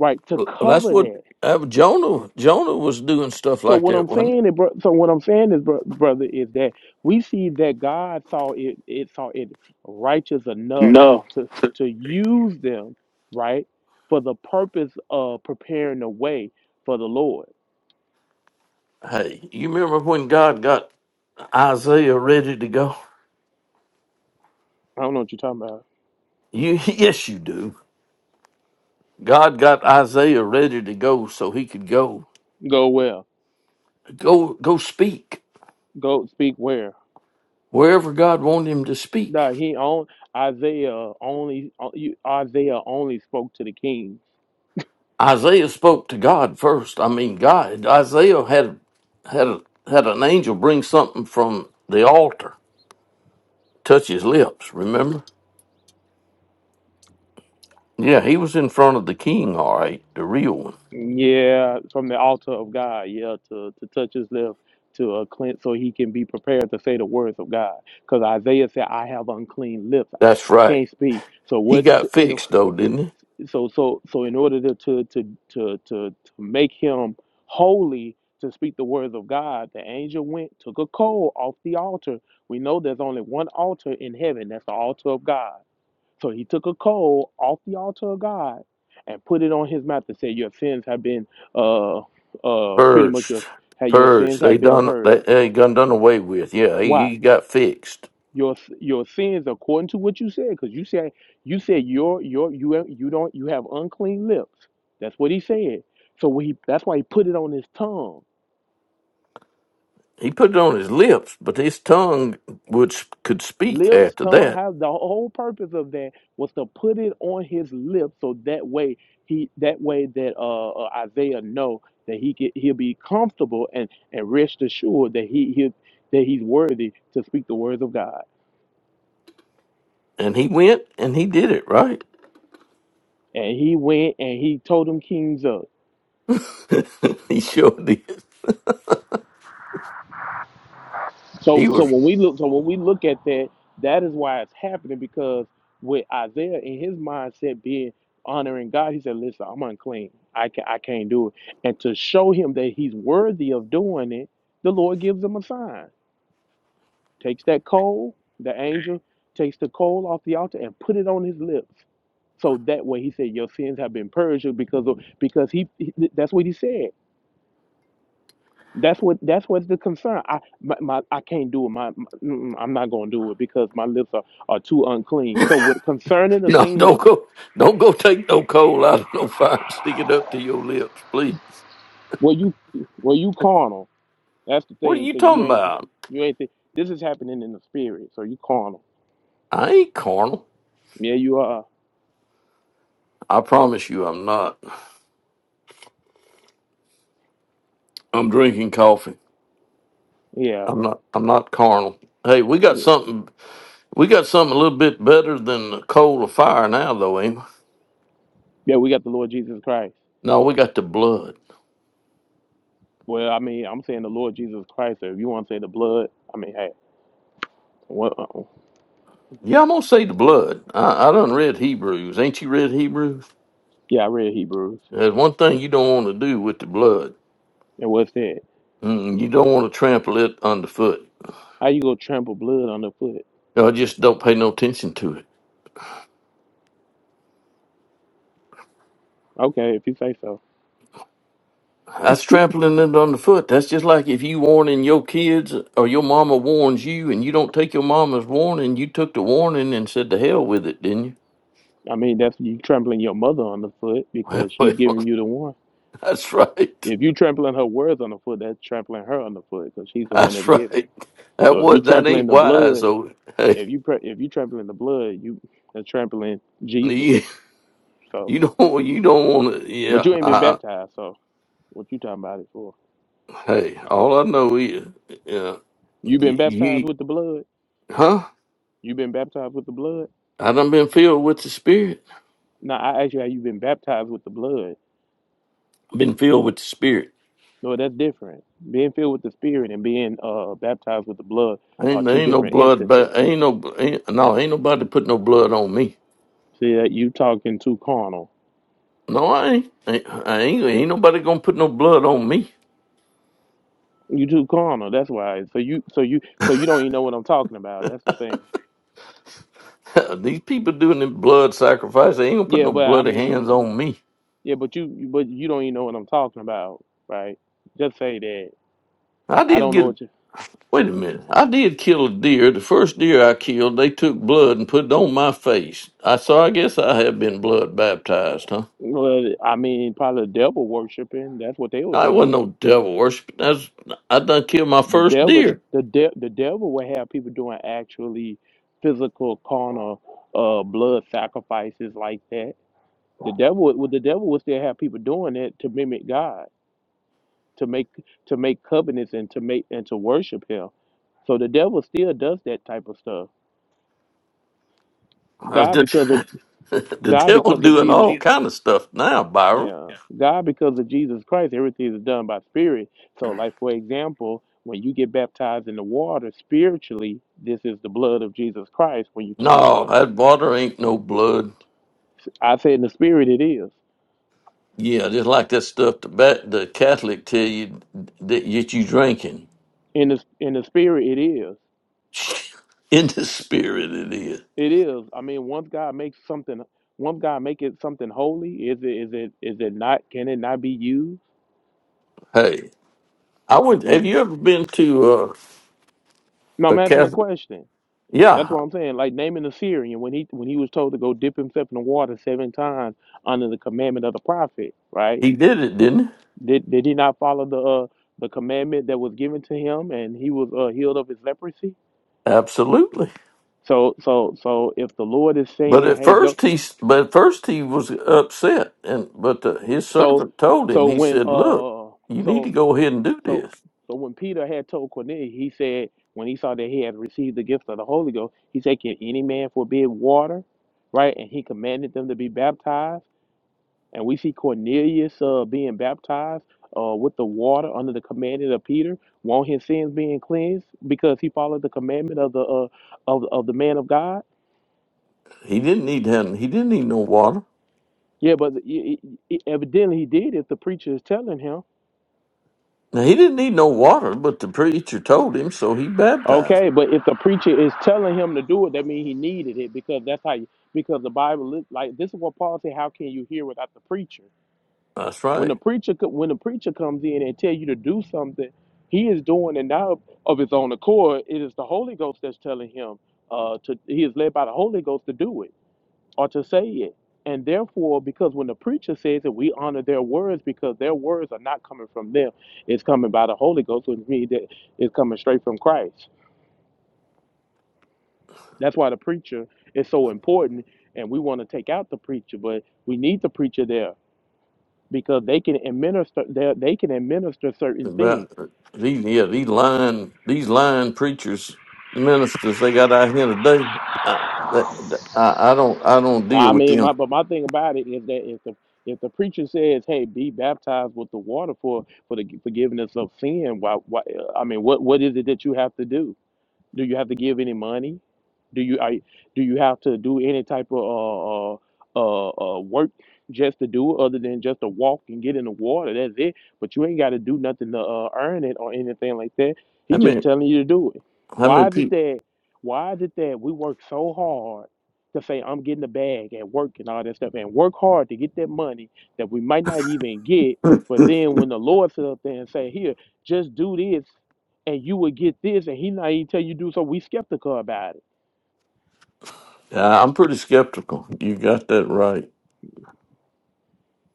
S2: right, to
S3: Well, that's
S2: cover
S3: what
S2: that.
S3: uh, Jonah. Jonah was doing stuff
S2: So
S3: like
S2: what
S3: that,
S2: I'm
S3: wasn't
S2: saying, is, bro, so what I'm saying is, bro, brother, is that we see that God saw it, it saw it righteous enough to to use them, right, for the purpose of preparing the way for the Lord.
S3: it? Hey, you remember when God got Isaiah ready to go?
S2: I don't know what you're talking about.
S3: You [laughs] yes, you do. God got Isaiah ready to go so he could go,
S2: Go well,
S3: go, go speak
S2: go speak where.
S3: wherever God wanted him to speak.
S2: Nah, he on Isaiah only uh, you- Isaiah only spoke to the king.
S3: Isaiah spoke to God first. I mean, God. Isaiah had had had an angel bring something from the altar, touch his lips. Remember? Yeah, he was in front of the king. All right, the real one.
S2: Yeah, from the altar of God, yeah, to, to touch his lips, to uh, cleanse, so he can be prepared to say the words of God. Because Isaiah said, "I have unclean lips;
S3: That's
S2: I
S3: right.
S2: can't speak." So
S3: He
S2: what?
S3: got
S2: so, You know,
S3: fixed though, didn't he?
S2: so so so in order to to to to to, to make him holy to speak the words of God, the angel went took a coal off the altar. We know there's only one altar in heaven. That's the altar of God. So he took a coal off the altar of God and put it on his mouth and said, "Your sins have been uh uh pretty much
S3: Purged,
S2: your have your
S3: purged.
S2: sins
S3: They
S2: have been
S3: done. They,
S2: purged."
S3: they done done away with. Yeah, he,
S2: Why?
S3: he got fixed.
S2: Your your sins according to what you said, because you said you said your your you have- you don't you have unclean lips. That's what he said. So he that's why he put it on his tongue
S3: He put it on his lips, but his tongue would could speak
S2: Lips,
S3: after
S2: tongue,
S3: that.
S2: how the whole purpose of that was to put it on his lips so that way he that way that uh, uh Isaiah know that he could, he'll be comfortable and and rest assured that he he that he's worthy to speak the words of God.
S3: And he went and he did it right.
S2: And he went and he told them kings up.
S3: [laughs] he sure did.
S2: So
S3: He
S2: so
S3: was
S2: when we look so when we look at that, that is why it's happening because with Isaiah in his mindset being honoring God, he said, "Listen, I'm unclean. I can I can't do it." And to show him that he's worthy of doing it, the Lord gives him a sign. Takes that coal, the angel takes the coal off the altar and put it on his lips. So that way, he said, "Your sins have been purged because of because he he- that's what he said. That's what that's what's the concern. I my, my I can't do it. My, my mm, I'm not gonna do it because my lips are, are too unclean. So what concerning
S3: [laughs]
S2: the
S3: No,
S2: things
S3: don't go. Don't go take no coal out of no fire and stick it up to your lips, please.
S2: were you were you carnal? That's the
S3: What are
S2: thing
S3: you
S2: because you
S3: talking
S2: ain't
S3: about?
S2: you ain't thi- this is happening in the spirit. So you carnal.
S3: I ain't carnal.
S2: Yeah, you are.
S3: I promise you, I'm not. I'm drinking coffee.
S2: Yeah,
S3: I'm not. I'm not carnal. Hey, we got
S2: yeah.
S3: something. We got something a little bit better than the coal of fire now, though, ain't we?
S2: Yeah, We got the Lord Jesus Christ.
S3: No, we got the blood.
S2: Well, I mean, I'm saying the Lord Jesus Christ. So if you want to say the blood, I mean, hey, what? Uh,
S3: Yeah, I'm gonna say the blood. I, I done read Hebrews. Ain't you read Hebrews?
S2: yeah, I read Hebrews
S3: There's one thing you don't want to do with the blood.
S2: and what's that?
S3: Mm, you don't want to trample it underfoot.
S2: How you gonna trample blood underfoot?
S3: I just don't pay no attention to it.
S2: Okay, if you say so.
S3: That's trampling it underfoot. That's just like if you warning your kids or your mama warns you and you don't take your mama's warning, you took the warning and said to hell with it, didn't
S2: I mean, that's you trampling your mother on the foot
S3: you?
S2: because
S3: [laughs]
S2: she's
S3: Well,
S2: giving you the one.
S3: that's right.
S2: If you trampling her words on the foot, that's trampling her on the foot because she's the one
S3: That's
S2: that's giving it.
S3: right. That
S2: So if you
S3: was that
S2: trampling
S3: ain't
S2: the
S3: wise.
S2: blood,
S3: So
S2: if
S3: hey,
S2: you pre- if you trampling the blood, you are trampling Jesus.
S3: you
S2: So,
S3: you don't you don't want to.
S2: but
S3: Yeah.
S2: you ain't
S3: I,
S2: been
S3: I-
S2: baptized, so what you talking about it for?
S3: hey, all I know is yeah.
S2: You been
S3: You,
S2: baptized
S3: you
S2: with the blood?
S3: huh?
S2: You been baptized with the blood?
S3: I done been filled with the spirit.
S2: Now I ask you, how you been baptized with the blood?
S3: been filled with the spirit
S2: No, that's different. Being filled with the Spirit and being uh, baptized with the blood are
S3: Ain't
S2: two
S3: ain't no
S2: different
S3: blood,
S2: instances
S3: but ain't no ain't, no ain't nobody put no blood on me.
S2: See that you talking too carnal.
S3: No, I ain't. Ain't, I ain't, ain't nobody gonna put no blood on me.
S2: You too carnal. That's why. So you, so you, so you don't even know what I'm talking about. That's the thing.
S3: [laughs] These people doing the blood sacrifice, they ain't gonna put
S2: Yeah,
S3: no
S2: but I
S3: bloody hands
S2: mean,
S3: on me.
S2: yeah, but you, but you don't even know what I'm talking about, right? Just say that.
S3: I
S2: I
S3: did
S2: don't know
S3: get.
S2: what you.
S3: Wait a minute. I did kill a deer. The first deer I killed, they took blood and put it on my face. I so I guess I have been blood baptized, huh?
S2: Well, I mean, probably the devil worshiping. That's what they were
S3: I wasn't
S2: doing.
S3: no devil worship. That's I done killed my
S2: The
S3: first
S2: devil,
S3: deer.
S2: the de- the devil would have people doing actually physical carnal, uh, blood sacrifices like that. The devil, would the devil would still have people doing it to mimic God to make to make covenants and to make and to worship him. So the devil still does that type of stuff.
S3: Uh,
S2: God because of
S3: the, [laughs] the
S2: God
S3: devil
S2: because of
S3: doing
S2: Jesus
S3: all kind of stuff now, Byron.
S2: yeah. God because of Jesus Christ, everything is done by spirit. So like for example, when you get baptized in the water spiritually, this is the blood of Jesus Christ when you turn on
S3: No,
S2: those
S3: that water ain't no blood.
S2: I say in the spirit it is.
S3: Yeah, just like that stuff the ba- the Catholic tell you that, that you drinking
S2: In the in the spirit it is.
S3: [laughs] in the spirit it is.
S2: It is. I mean once God makes something once God make it something holy, is it is it is it not can it not be used?
S3: Hey, I would. Have you ever been to uh,
S2: No,
S3: a
S2: I'm asking a
S3: Catholic?
S2: question. That's
S3: Yeah,
S2: what I'm saying. Like naming the Syrian when he when he was told to go dip himself in the water seven times under the commandment of the prophet, right?
S3: he did it, didn't he?
S2: Did did he not follow the uh, the commandment that was given to him and he was uh, healed of his leprosy?
S3: Absolutely.
S2: So so so if the Lord is
S3: But
S2: saying,
S3: at
S2: Hey,
S3: first
S2: go
S3: he, s- but at first he was upset, and but the, his
S2: so
S3: servant told him.
S2: so
S3: He
S2: when
S3: said, "Look,
S2: uh
S3: you need
S2: so
S3: to go ahead and do
S2: So,
S3: this."
S2: so when Peter had told Cornelius, he said, when he saw that he had received the gift of the Holy Ghost, he said, Can any man forbid water? Right? And he commanded them to be baptized. And we see Cornelius uh, being baptized uh, with the water under the commandment of Peter, want his sins being cleansed because he followed the commandment of the uh, of, of the man of God.
S3: He didn't need him. He didn't need no water.
S2: Yeah, but e- e- e- evidently he did if the preacher is telling him.
S3: Now he didn't need no water, but the preacher told him, so he baptized.
S2: Okay, but if the preacher is telling him to do it, that means he needed it because that's how you because the Bible is like this is what Paul said, how can you hear without the preacher?
S3: That's
S2: When the
S3: right.
S2: preacher co- when the preacher comes in and tell you to do something, he is doing it now of his own accord. It is the Holy Ghost that's telling him uh to he is led by the Holy Ghost to do it or to say it. And therefore, because when the preacher says it, we honor their words because their words are not coming from them. It's coming by the Holy Ghost, which means that it's coming straight from Christ. That's why the preacher is so important, and we want to take out the preacher, but we need the preacher there because they can administer they they can administer certain things.
S3: About these, yeah, these lying, these lying preachers, ministers they got out here today. I, that, I, I don't, I don't deal
S2: I
S3: with
S2: mean,
S3: them.
S2: my but my thing about it is that if the if the preacher says, "Hey, be baptized with the water for for the forgiveness of sin," why why I mean, what what is it that you have to do? Do you have to give any money? Do you I do you have to do any type of uh, uh, uh, uh, work just to do it other than just to walk and get in the water? That's it. But you ain't got to do nothing to uh, earn it or anything like that. He
S3: I
S2: just
S3: mean,
S2: telling you to do it.
S3: how
S2: Why
S3: many
S2: is it
S3: people?
S2: that? Why is it that we work so hard to say I'm getting a bag at work and all that stuff and work hard to get that money that we might not even get? But then when the Lord sit up there and say, "Here, just do this," and you would get this and he not even tell you to do so we skeptical about it
S3: I'm pretty skeptical. You got that right.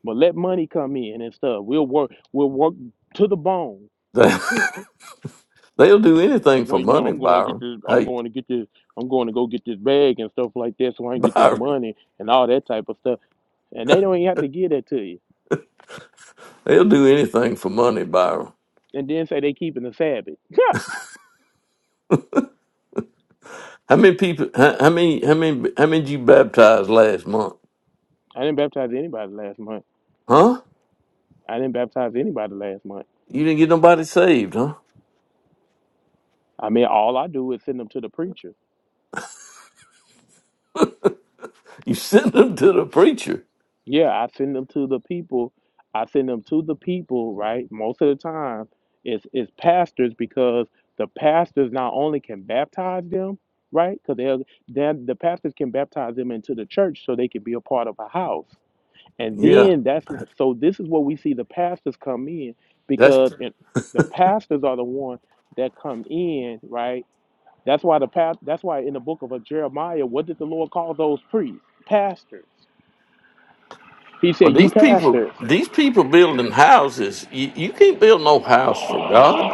S2: but let money come in and stuff we'll work we'll work to the bone
S3: They, [laughs] they'll do anything for
S2: well you know
S3: money,
S2: i'm going to get
S3: Byron.
S2: this i'm
S3: Hey,
S2: going to get this i'm going to go get this bag and stuff like that so i
S3: [laughs]
S2: can get this
S3: Byron,
S2: money and all that type of stuff and they don't even have to give that to you
S3: they'll do anything for money, Byron.
S2: and then say they keeping the sabbath [laughs]
S3: How many people? How, how many? How many? How many did you baptize last month?
S2: i didn't baptize anybody last month
S3: Huh?
S2: i didn't baptize anybody last month
S3: You didn't get nobody saved, huh?
S2: i mean all i do is send them to the preacher
S3: You [laughs] sent them to the preacher.
S2: Yeah, I send them to the people. I send them to the people, right? Most of the time, it's it's pastors because the pastors not only can baptize them, right? Because they'll then the pastors can baptize them into the church so they can be a part of a house. And
S3: Yeah,
S2: then that's wh- so this is where we see the pastors come in
S3: that's.
S2: because it, the pastors are the one that come in, right? That's why the past, that's why in the book of Jeremiah, what did the Lord call those priests? Pastors. He
S3: Well,
S2: said, "You
S3: these people,
S2: pastors."
S3: these people building houses. You, you can't build no house for God.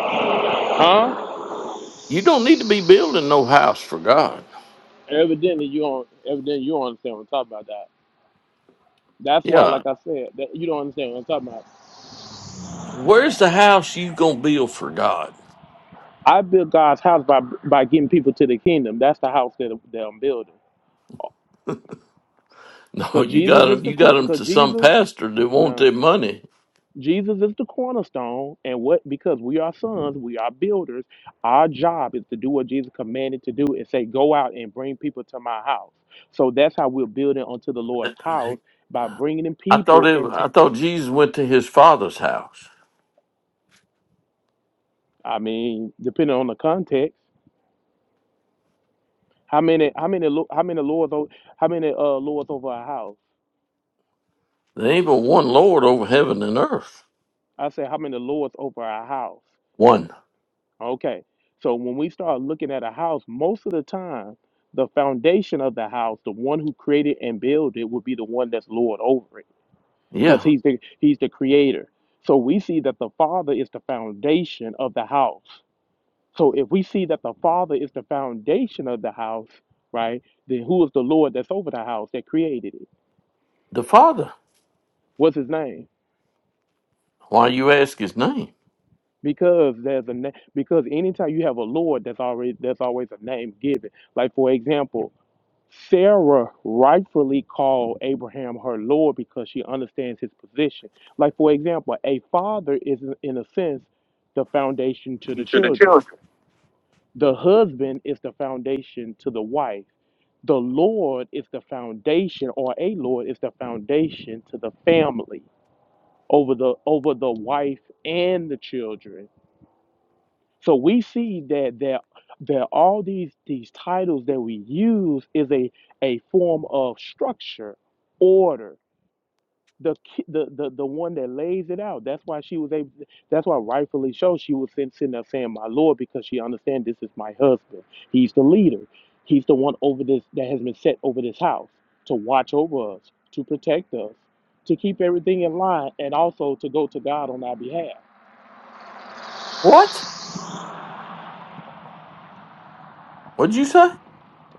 S2: Huh?
S3: You don't need to be building no house for God.
S2: Evidently you don't evidently you don't understand what I'm talking about that. That's why,
S3: Yeah.
S2: like I said, that you don't understand what I'm talking about.
S3: Where's the house you gonna build for God? [laughs]
S2: I built God's house by by getting people to the kingdom. That's the house that, that I'm building.
S3: No,
S2: Cause
S3: you
S2: Jesus
S3: got
S2: is
S3: 'em-
S2: the
S3: You got 'em to
S2: because
S3: some
S2: Jesus
S3: pastor that want their
S2: no
S3: money.
S2: Jesus is the cornerstone, and what because we are sons, we are builders. Our job is to do what Jesus commanded to do and say, go out and bring people to my house. So that's how we're building onto the
S3: [laughs]
S2: Lord's house
S3: I
S2: by bringing in
S3: thought
S2: people
S3: it.
S2: into.
S3: I thought Jesus went to his father's house.
S2: I mean, depending on the context. How many how many lo- how many lords o- how many uh lords over a house?
S3: There ain't but one Lord over heaven and earth.
S2: I said, how many lords over a house?
S3: One.
S2: Okay. So when we start looking at a house, most of the time the foundation of the house, the one who created and built it would be the one that's lord over it cuz
S3: Yeah.
S2: he's the he's the creator. So we see that the father is the foundation of the house. So if we see that the father is the foundation of the house, right? Then who is the lord that's over the house that created it?
S3: The Father.
S2: What's his name?
S3: Why you ask his name?
S2: because there's a na- because anytime you have a Lord, that's already that's always a name given. Like for example, Sarah rightfully called Abraham her Lord because she understands his position. Like for example, a father is in a sense the foundation to the children. The husband is the foundation to the wife. The Lord is the foundation, or a Lord is the foundation to the family over the over the wife and the children So we see that there that all these these titles that we use is a a form of structure, order. The, ki- the the the one that lays it out. That's why she was able. to- that's why rightfully so she was sitting, sitting there saying, "My Lord," because she understands this is my husband. He's the leader. He's the one over this that has been set over this house to watch over us, to protect us, to keep everything in line, and also to go to God on our behalf,
S3: What? What'd you say?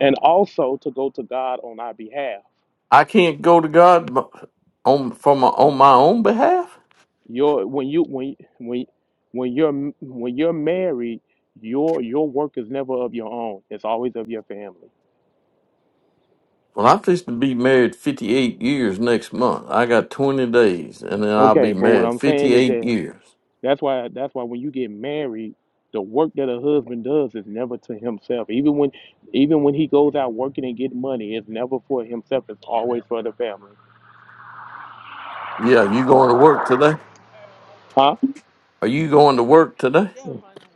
S2: and also to go to God on our behalf.
S3: I can't go to God b- on for my on my own behalf?
S2: Your when you when when when you're when you're married, your your work is never of your own. It's always of your family.
S3: Well, I'm fixed to be married 58 years next month. I got 20 days, and then I'll
S2: Okay,
S3: be
S2: but what
S3: married
S2: I'm saying is
S3: 58
S2: that
S3: years.
S2: that's why that's why when you get married, the work that a husband does is never to himself. Even when even when he goes out working and getting money, it's never for himself. It's always for the family.
S3: Yeah, you going to work today?
S2: Huh?
S3: Are you going to work today?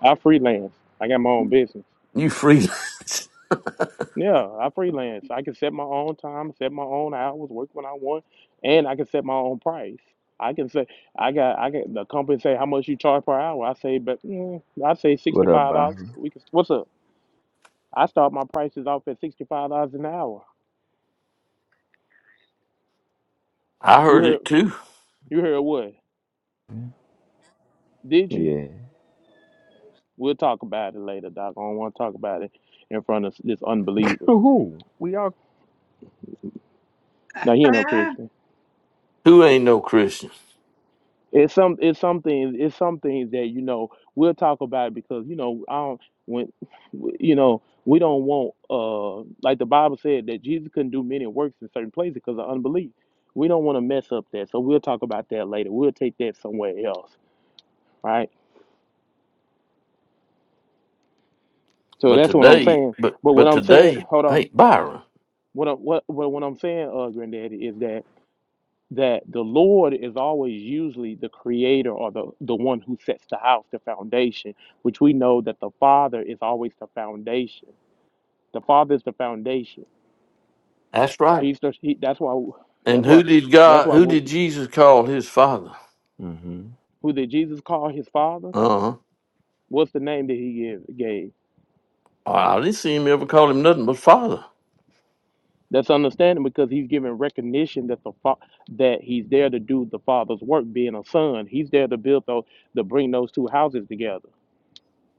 S2: I freelance. I got my own business.
S3: You freelance.
S2: Yeah, I freelance. I can set my own time, set my own hours, work when I want, and I can set my own price. I can say I got I got the company say how much you charge per hour. I say, but mm, I say sixty
S5: What up,
S2: five dollars.
S5: Byron?
S2: We can what's up? I start my prices off at sixty five dollars an hour.
S3: [laughs] I
S2: You
S3: heard
S2: heard
S3: it too.
S2: you heard what? Did you?
S5: Yeah.
S2: We'll talk about it later, Doc. I don't want to talk about it in front of this unbeliever.
S5: Who? We all
S2: Now he ain't no
S4: [laughs]
S2: Christian.
S3: Who ain't no Christian?
S2: It's some it's something it's some things that you know we'll talk about because you know I don't when you know we don't want uh like the Bible said that Jesus couldn't do many works in certain places because of unbelief. We don't want to mess up that, so we'll talk about that later. We'll take that somewhere else, right? So
S3: But
S2: that's what I'm
S3: today,
S2: saying.
S3: but
S2: But what
S3: but
S2: I'm saying,
S3: today,
S2: hold on.
S3: hey Byron.
S2: What I, what what what I'm saying, uh, Granddaddy, is that that the Lord is always usually the creator or the, the one who sets the house, the foundation, which we know that the Father is always the foundation. The Father is the foundation.
S3: That's right.
S2: He's the, he, that's why
S3: And
S2: that's why
S3: who did
S2: that's
S3: God?
S2: why
S3: Who
S2: when,
S3: did Jesus call his father?
S5: hmm
S2: who did Jesus call his Father?
S3: Uh huh.
S2: What's the name that he gave? gave?
S3: I didn't see him ever call him nothing but father.
S2: That's understanding because he's giving recognition that the fa- that he's there to do the Father's work, being a son. He's there to build those to bring those two houses together,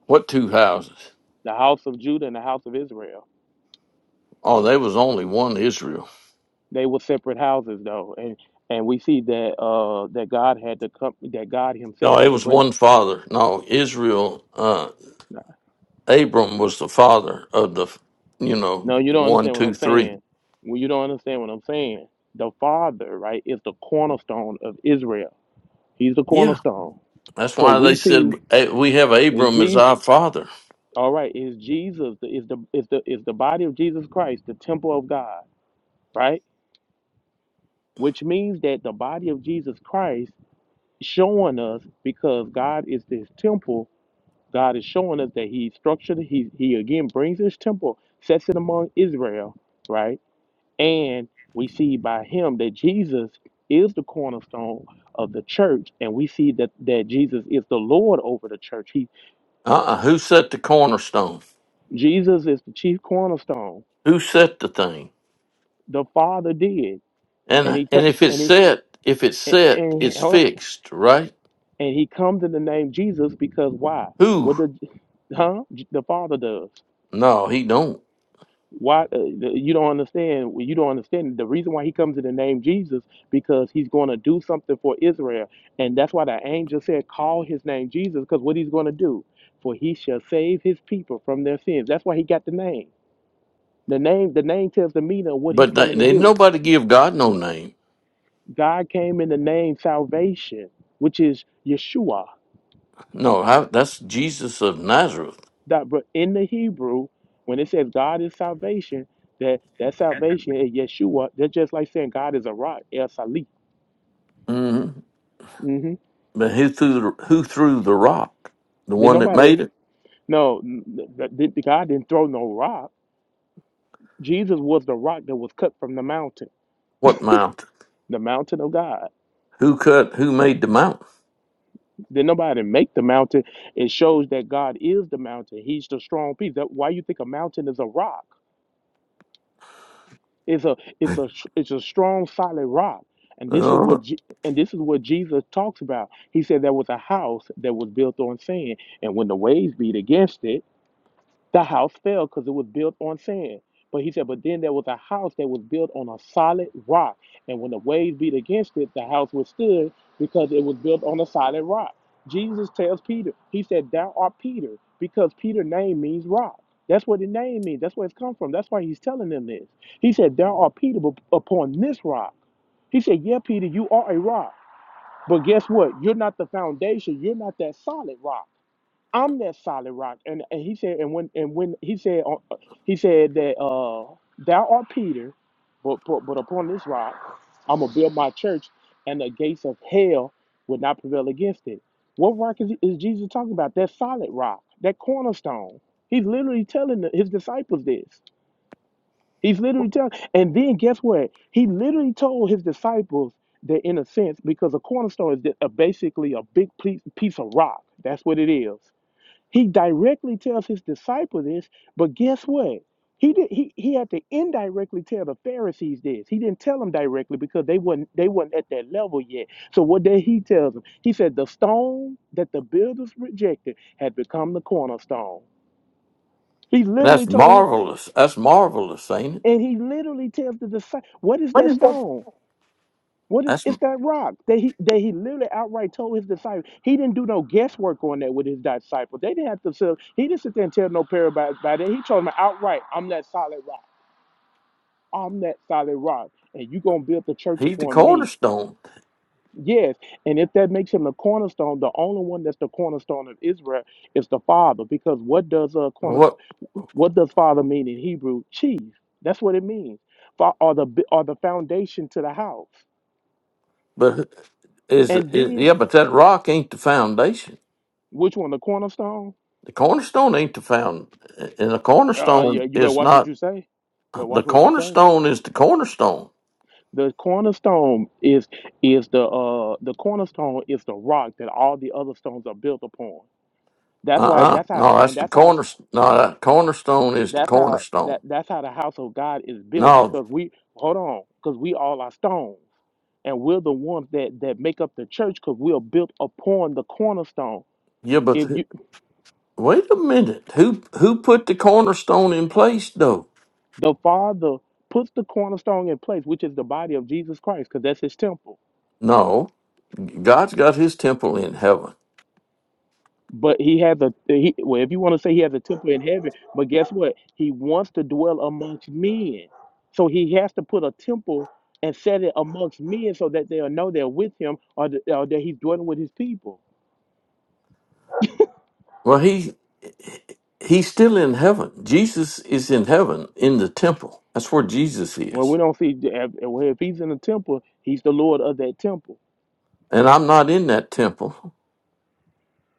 S3: What two houses?
S2: the house of Judah and the house of Israel
S3: Oh, there was only one Israel.
S2: They were separate houses though, and and we see that uh that God had to come that God Himself
S3: No, it
S2: had to
S3: was
S2: bring.
S3: one father. No, Israel. Uh, Abram was the father of the, you know,
S2: No, you don't
S3: one,
S2: understand what
S3: two,
S2: I'm
S3: three.
S2: saying. When you don't understand what I'm saying, the Father right is the cornerstone of Israel. He's the
S3: Yeah,
S2: cornerstone.
S3: that's
S2: So
S3: why they
S2: we
S3: said
S2: see
S3: "Eh, we have
S2: is
S3: Abram as
S2: Jesus.
S3: our father.
S2: All right, is Jesus the is the is the is the body of Jesus Christ the temple of God, right? Which means that the body of Jesus Christ showing us because God is His temple God is showing us that He structured. He He again brings His temple, sets it among Israel, right? And we see by Him that Jesus is the cornerstone of the church, and we see that that Jesus is the Lord over the church. He
S3: Uh, uh who set the cornerstone?
S2: Jesus is the chief cornerstone.
S3: Who set the thing?
S2: The Father did,
S3: And
S2: and He
S3: and
S2: comes
S3: if it's
S2: and He.
S3: set, if it's
S2: And,
S3: set,
S2: and,
S3: it's
S2: hold on.
S3: fixed, right?
S2: and he comes in the name Jesus because why?
S3: Who?
S2: What did huh? The Father does.
S3: No, he don't.
S2: why uh, you don't understand well, you don't understand the reason why he comes in the name jesus because he's going to do something for israel and that's why the angel said call his name jesus because what he's going to do for he shall save his people from their sins that's why he got the name the name the name tells the meaning of what he's
S3: But they,
S2: coming to
S3: they
S2: do
S3: nobody give God no name.
S2: god came in the name salvation which is yeshua
S3: No, how, that's Jesus of Nazareth.
S2: that but in the hebrew when it says god is salvation that that salvation is yeshua that's just like saying god is a rock el salih
S3: hmm
S2: Mm-hmm.
S3: But who threw the, who threw the rock? The
S2: Did
S3: one that
S2: nobody?
S3: made it.
S2: No, n- n- th- God didn't throw no rock. Jesus was the rock that was cut from the mountain,
S3: What mountain?
S2: the mountain of God.
S3: Who cut? Who made the mountain?
S2: Did nobody make the mountain? It shows that God is the mountain. He's the strong piece. That why you think a mountain is a rock? It's a it's a it's a strong solid rock. And this is
S3: Uh,
S2: what Je- and this is what Jesus talks about. He said there was a house that was built on sand, and when the waves beat against it. The house fell because it was built on sand. But he said, but then there was a house that was built on a solid rock. And when the waves beat against it, the house withstood because it was built on a solid rock. Jesus tells Peter, he said, Thou art Peter, because Peter name means rock. That's what the name means. That's where it's come from. That's why he's telling them this. He said, Thou art Peter but upon this rock. He said, Yeah, Peter, you are a rock. But guess what? You're not the foundation. You're not that solid rock. I'm that solid rock. And, and he said, and when and when he said uh, uh, he said that uh thou art Peter, but, but but upon this rock I'm gonna build my church, and the gates of hell will not prevail against it. What rock is, is Jesus talking about? That solid rock, that cornerstone. He's literally telling the- his disciples this. He's literally telling, and then guess what? He literally told his disciples that, in a sense, because a cornerstone is a- basically a big piece piece of rock. That's what it is. He directly tells his disciple this, but guess what? He did he, he had to indirectly tell the Pharisees this. He didn't tell them directly because they weren't they weren't at that level yet. So what did he tell them? He said the stone that the builders rejected had become the cornerstone. He literally
S3: that's
S2: told him
S3: marvelous. That's marvelous, ain't it?
S2: and he literally tells the disciple, what is
S3: What
S2: that
S3: is
S2: stone? What is
S3: That's
S2: it's that rock that he that he literally outright told his disciples. He didn't do no guesswork on that with his disciples. They didn't have to sell, he didn't sit there and tell no parables about it. He told them outright, I'm that solid rock. I'm that solid rock. And you're gonna build the church
S3: he's the
S2: upon me.
S3: cornerstone.
S2: Yes. And if that makes him the cornerstone, the only one that's the cornerstone of Israel is the Father. Because what does a corner
S3: What?
S2: what does father mean in Hebrew? Chief. That's what it means. Fa- Or the or the foundation to the house.
S3: But is,
S2: And
S3: is
S2: then
S3: yeah? But that rock ain't the foundation.
S2: which one? The cornerstone?
S3: The cornerstone ain't the found, and the
S2: Uh, yeah,
S3: cornerstone
S2: you better
S3: is
S2: watch what
S3: not.
S2: you say. You better
S3: The
S2: watch what you say.
S3: cornerstone is the cornerstone.
S2: The cornerstone is is the uh the cornerstone is the rock that all the other stones are built upon.
S3: Uh
S2: That's why
S3: uh
S2: that's how
S3: No, that's
S2: and
S3: the
S2: that's how
S3: corner. No, that cornerstone is the
S2: that's how
S3: cornerstone.
S2: that that's how the house of God is built
S3: No,
S2: because we hold on because we all are stones and we're the ones that that make up the church because we are built upon the cornerstone.
S3: yeah, but
S2: If
S3: who-
S2: you
S3: wait a minute. Who who put the cornerstone in place though?
S2: the Father puts the cornerstone in place, which is the body of Jesus Christ, because that's His temple
S3: No, God's got His temple in heaven.
S2: But he has a he, well, if you want to say he has a temple in heaven, but guess what? He wants to dwell amongst men, so he has to put a temple and set it amongst men so that they'll know they're with him or, th- or that he's dwelling with his people.
S3: Well, He He's still in heaven. Jesus is in heaven in the temple. That's where Jesus
S2: Well, we
S3: is.
S2: don't see if, well, if he's in the temple, he's the Lord of that temple.
S3: And I'm not in that temple.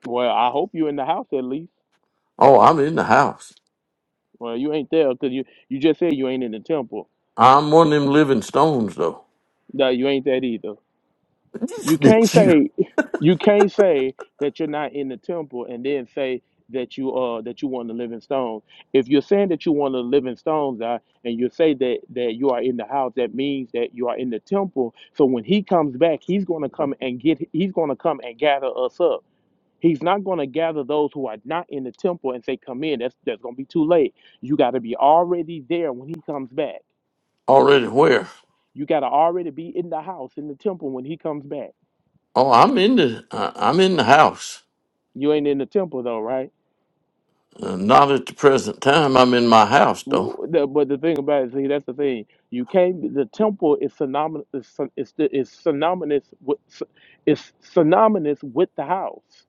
S2: Well, I hope you're in the house at least.
S3: Oh, I'm in the house.
S2: Well, you ain't there because you you just said you ain't in the temple.
S3: I'm one of them living stones though.
S2: No, you ain't that either.
S3: [laughs]
S2: You
S3: That
S2: can't
S3: you?
S2: say you can't say that you're not in the temple and then say that you uh that you want to live in stones. If you're saying that you want to live in stones, uh, and you say that that you are in the house, that means that you are in the temple. So when he comes back, he's going to come and get. He's going to come and gather us up. He's not going to gather those who are not in the temple and say, "Come in." That's that's going to be too late. You got to be already there when he comes back.
S3: Already where?
S2: You got to already be in the house in the temple when he comes back.
S3: Oh, I'm in the uh, I'm in the house.
S2: You ain't in the temple though, right?
S3: Uh, not at the present time. I'm in my house though.
S2: W- the- But the thing about it, see, that's the thing. You can't. The temple is synonymous. Is, syn- is, the- is synonymous with. Is synonymous with the house.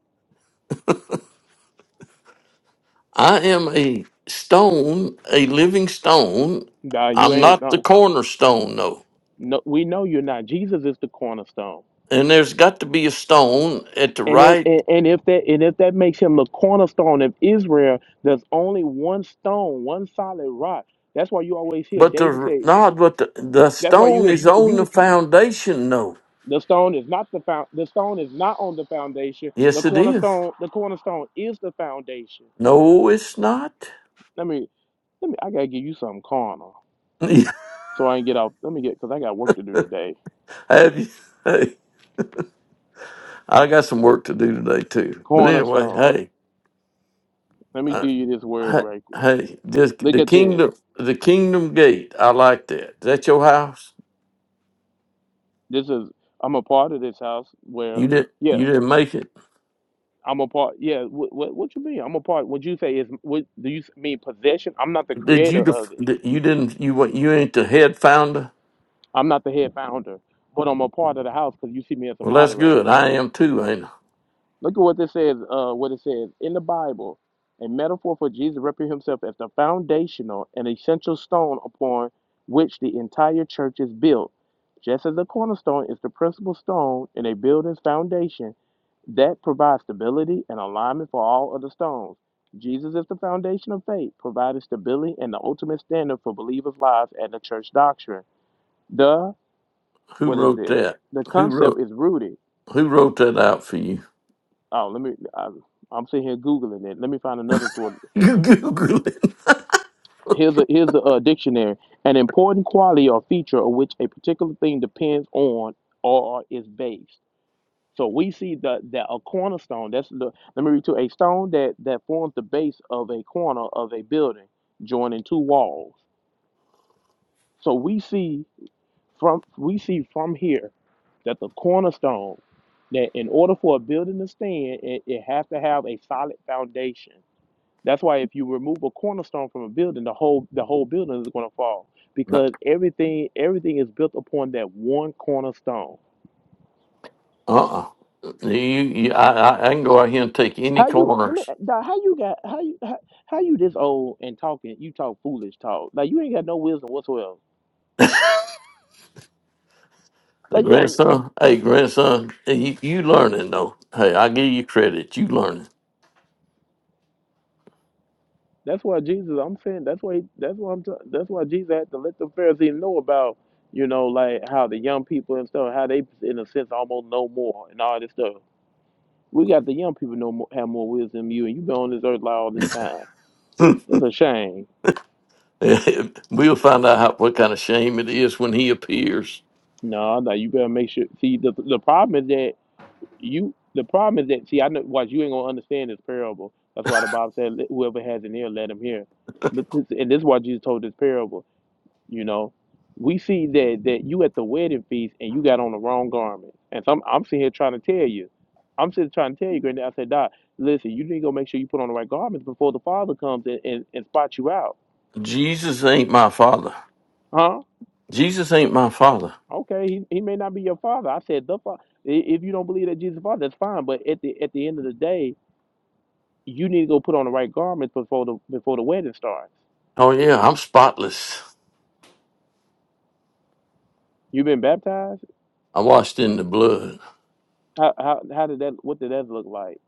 S3: I am a stone, a living stone.
S2: Nah, you
S3: I'm
S2: ain't.
S3: not the
S2: Nah,
S3: cornerstone though.
S2: no, we know you're not. Jesus is the cornerstone.
S3: And there's got to be a stone at the
S2: And if
S3: right,
S2: and, and if that and if that makes him the cornerstone of Israel, there's only one stone, one solid rock. That's why you always hear
S3: but
S2: David
S3: the
S2: say.
S3: no, but the, the
S2: That's why you
S3: stone
S2: hear
S3: is on the
S2: you.
S3: foundation though.
S2: The stone is not the found. The stone is not on the foundation.
S3: Yes,
S2: The
S3: it is.
S2: cornerstone. The cornerstone is the foundation.
S3: No, it's not. [laughs]
S2: Let me, let me. I gotta give you something carnal, so I ain't get out. Let me get, cause I got work to do today.
S3: Have you? Hey, I got some work to do today too. But anyway,
S2: Cornerstone.
S3: hey.
S2: Let me
S3: uh,
S2: give you this word
S3: Hey,
S2: right quick.
S3: hey, this
S2: Look
S3: the
S2: at this.
S3: kingdom, the kingdom gate. I like that. Is that your house?
S2: This is. I'm a part of this house where.
S3: You did, not you
S2: Yeah,
S3: didn't make it.
S2: I'm a part. Yeah, what what, what you mean? I'm a part. What you say is what do you mean possession? I'm not the
S3: Did you?
S2: creator
S3: Def,
S2: of it.
S3: did- you didn't. You wa- you ain't the head founder.
S2: I'm not the head founder, but I'm a part of the house because you see me as a
S3: Well, that's
S2: moderator.
S3: good. I am too. Ain't I?
S2: Look at what this says, uh, what it says in the Bible. A metaphor for Jesus representing himself as the foundational and essential stone upon which the entire church is built. Just as the cornerstone is the principal stone in a building's foundation that provides stability and alignment for all other stones. Jesus is the foundation of faith, providing stability and the ultimate standard for believers' lives and the church doctrine. The,
S3: who
S2: what is
S3: wrote
S2: this?
S3: that?
S2: The
S3: Who
S2: concept
S3: wrote
S2: is rooted.
S3: who wrote that out for you? [laughs]
S2: Oh, let me. I'm, I'm sitting here googling it. Let me find another source.
S3: You Google it.
S2: Here's a here's the uh, dictionary. An important quality or feature of which a particular thing depends on or is based. So we see that that a cornerstone. That's the. Let me read to a stone that that forms the base of a corner of a building, joining two walls. So we see from we see from here that the cornerstone that in order for a building to stand, it, it has to have a solid foundation That's why if you remove a cornerstone from a building, the whole the whole building is going to fall
S3: Uh
S2: because everything everything is built upon that one cornerstone.
S3: uh You, you I, I I can go out here and take any
S2: How you let me
S3: corners.
S2: dog, how you got how you how, how you this old and talking you talk foolish talk like you ain't got no wisdom whatsoever
S3: The
S2: like you don't
S3: grandson, hey grandson, you, you learning though. Hey, I give you credit. You learning.
S2: that's why Jesus I'm saying that's why that's why I'm t- that's why Jesus had to let the Pharisees know about you know like how the young people and stuff how they in a sense almost know more and all this stuff We got the young people know more, have more wisdom than you, and you've been on this earth like all this time.
S3: [laughs]
S2: It's a shame.
S3: [laughs] we'll find out how, what kind of shame it is when he appears.
S2: No, no, you better make sure. See, the the problem is that you. The problem is that see, I know. Watch, you ain't gonna understand this parable. That's why the Bible said, "Let- "Whoever has an ear, let him hear." But this, and this is why Jesus told this parable. You know, we see that that you at the wedding feast and you got on the wrong garment, and so I'm, I'm sitting here trying to tell you. I'm sitting trying to tell you, Granddad. I said, Doc, listen, you need to go make sure you put on the right garments before the Father comes and, and, and spots you out,
S3: Jesus ain't my father.
S2: huh?
S3: Jesus ain't my father.
S2: Okay, he, he may not be your father. I said the father. If you don't believe that Jesus is the father, that's fine. But at the at the end of the day, you need to go put on the right garments before the before the wedding starts.
S3: Oh, yeah, I'm spotless.
S2: You've been baptized.
S3: I washed in the blood.
S2: How how how did that? What did that look like?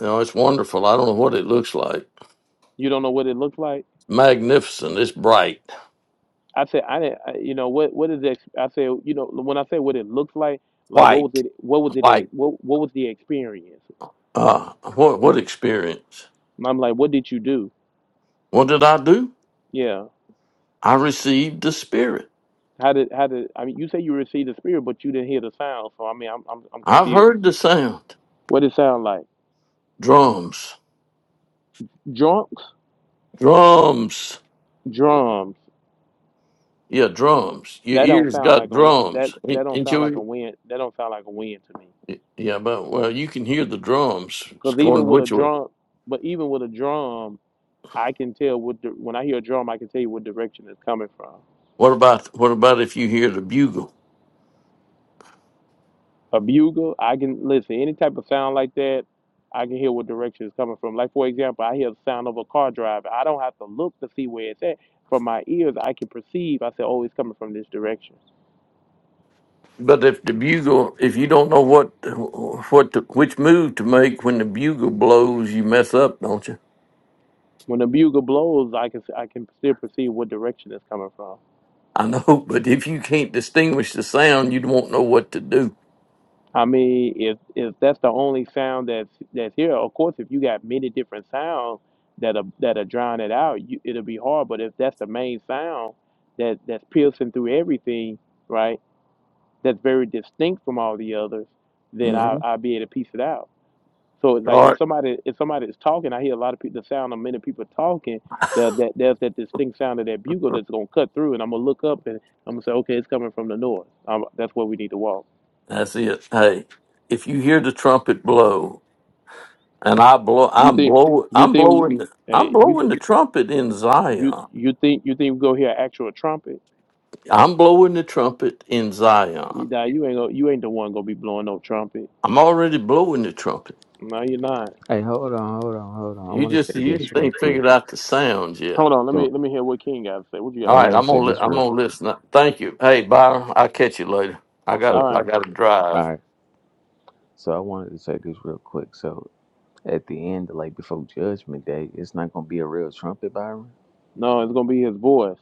S3: You know, it's wonderful. I don't know what it looks like.
S2: You don't know what it looks like.
S3: Magnificent. It's bright,
S2: I said I didn't. I, you know what what is it? I said you know when I say what it looks like, like what was
S3: white,
S2: it? What was it?
S3: white.
S2: What what was the experience?
S3: Ah, what, what experience?
S2: And I'm like, what did you do?
S3: What did I do?
S2: Yeah.
S3: I received the Spirit.
S2: How did how did I mean? You say you received the spirit, but you didn't hear the sound. So I mean, I'm I'm, I'm
S3: I've
S2: confused.
S3: heard the sound.
S2: What it sound like?
S3: Drums,
S2: Drunk
S3: drums.
S2: drums.
S3: Yeah, drums. Your
S2: That don't
S3: ears
S2: sound
S3: got
S2: like a w- that
S3: drums. Ain't,
S2: that don't
S3: ain't
S2: sound
S3: you?
S2: like a win. That don't sound like a win to me.
S3: Yeah, but well, you can hear the drums. It's
S2: Cause
S3: going
S2: even with a
S3: which way?
S2: drum, but even with a drum, I can tell what the, when I hear a drum, I can tell you what direction it's coming from.
S3: What about what about if you hear the bugle?
S2: A bugle, I can listen any type of sound like that. I can hear what direction it's coming from. Like for example, I hear the sound of a car driving. I don't have to look to see where it's at. From my ears, I can perceive. I say, oh, it's coming from this direction.
S3: But if the bugle, if you don't know what what to, which move to make when the bugle blows, you mess up, don't you?
S2: When the bugle blows, I can I can still perceive what direction it's coming from.
S3: I know, [laughs] but if you can't distinguish the sound, you won't know what to do.
S2: I mean, if if that's the only sound that's that's here, of course, if you got many different sounds that are that are drowning it out, you, it'll be hard. But if that's the main sound that that's piercing through everything, right? That's very distinct from all the others, then I
S3: hmm
S2: I'll be able to piece it out. So it's like
S3: All
S2: if
S3: right,
S2: somebody if somebody is talking, I hear a lot of people the sound of many people talking. There, that there's that distinct sound of that bugle that's gonna cut through, and I'm gonna look up and I'm gonna say, okay, it's coming from the north. Um that's where we need to walk.
S3: that's it. Hey, if you hear the trumpet blow, and I blow,
S2: You
S3: I'm
S2: think
S3: blow,
S2: you
S3: I'm
S2: think we,
S3: blowing, I'm
S2: hey, you
S3: blowing
S2: think
S3: the trumpet in
S2: you
S3: Zion.
S2: you think you think we go hear an actual trumpet?
S3: I'm blowing the trumpet in Zion.
S2: You nah, you ain't gonna, you ain't the one gonna be blowing no trumpet.
S3: I'm already blowing the trumpet.
S2: No, you're not.
S5: Hey, hold on, hold on, hold on. I
S3: You
S5: want to say
S3: just you
S5: this
S3: just
S5: real
S3: ain't
S5: quick.
S3: figured out the sounds yet.
S2: Hold on, let
S5: So
S2: me let me hear what King got to say. What you
S3: All
S5: I
S2: got
S3: right,
S2: to
S5: want
S2: say?
S5: to
S3: I'm
S5: say
S3: gonna li-
S5: this
S3: I'm
S5: real.
S3: gonna listen. Thank you. Hey Byron, I'll catch you later. I got
S2: All
S3: to
S5: Okay.
S3: I
S2: right,
S3: got to
S5: All
S3: drive.
S5: right. So I wanted to say this real quick. So at the end, like before Judgment Day, it's not gonna be a real trumpet, Byron.
S2: no, it's gonna be his voice.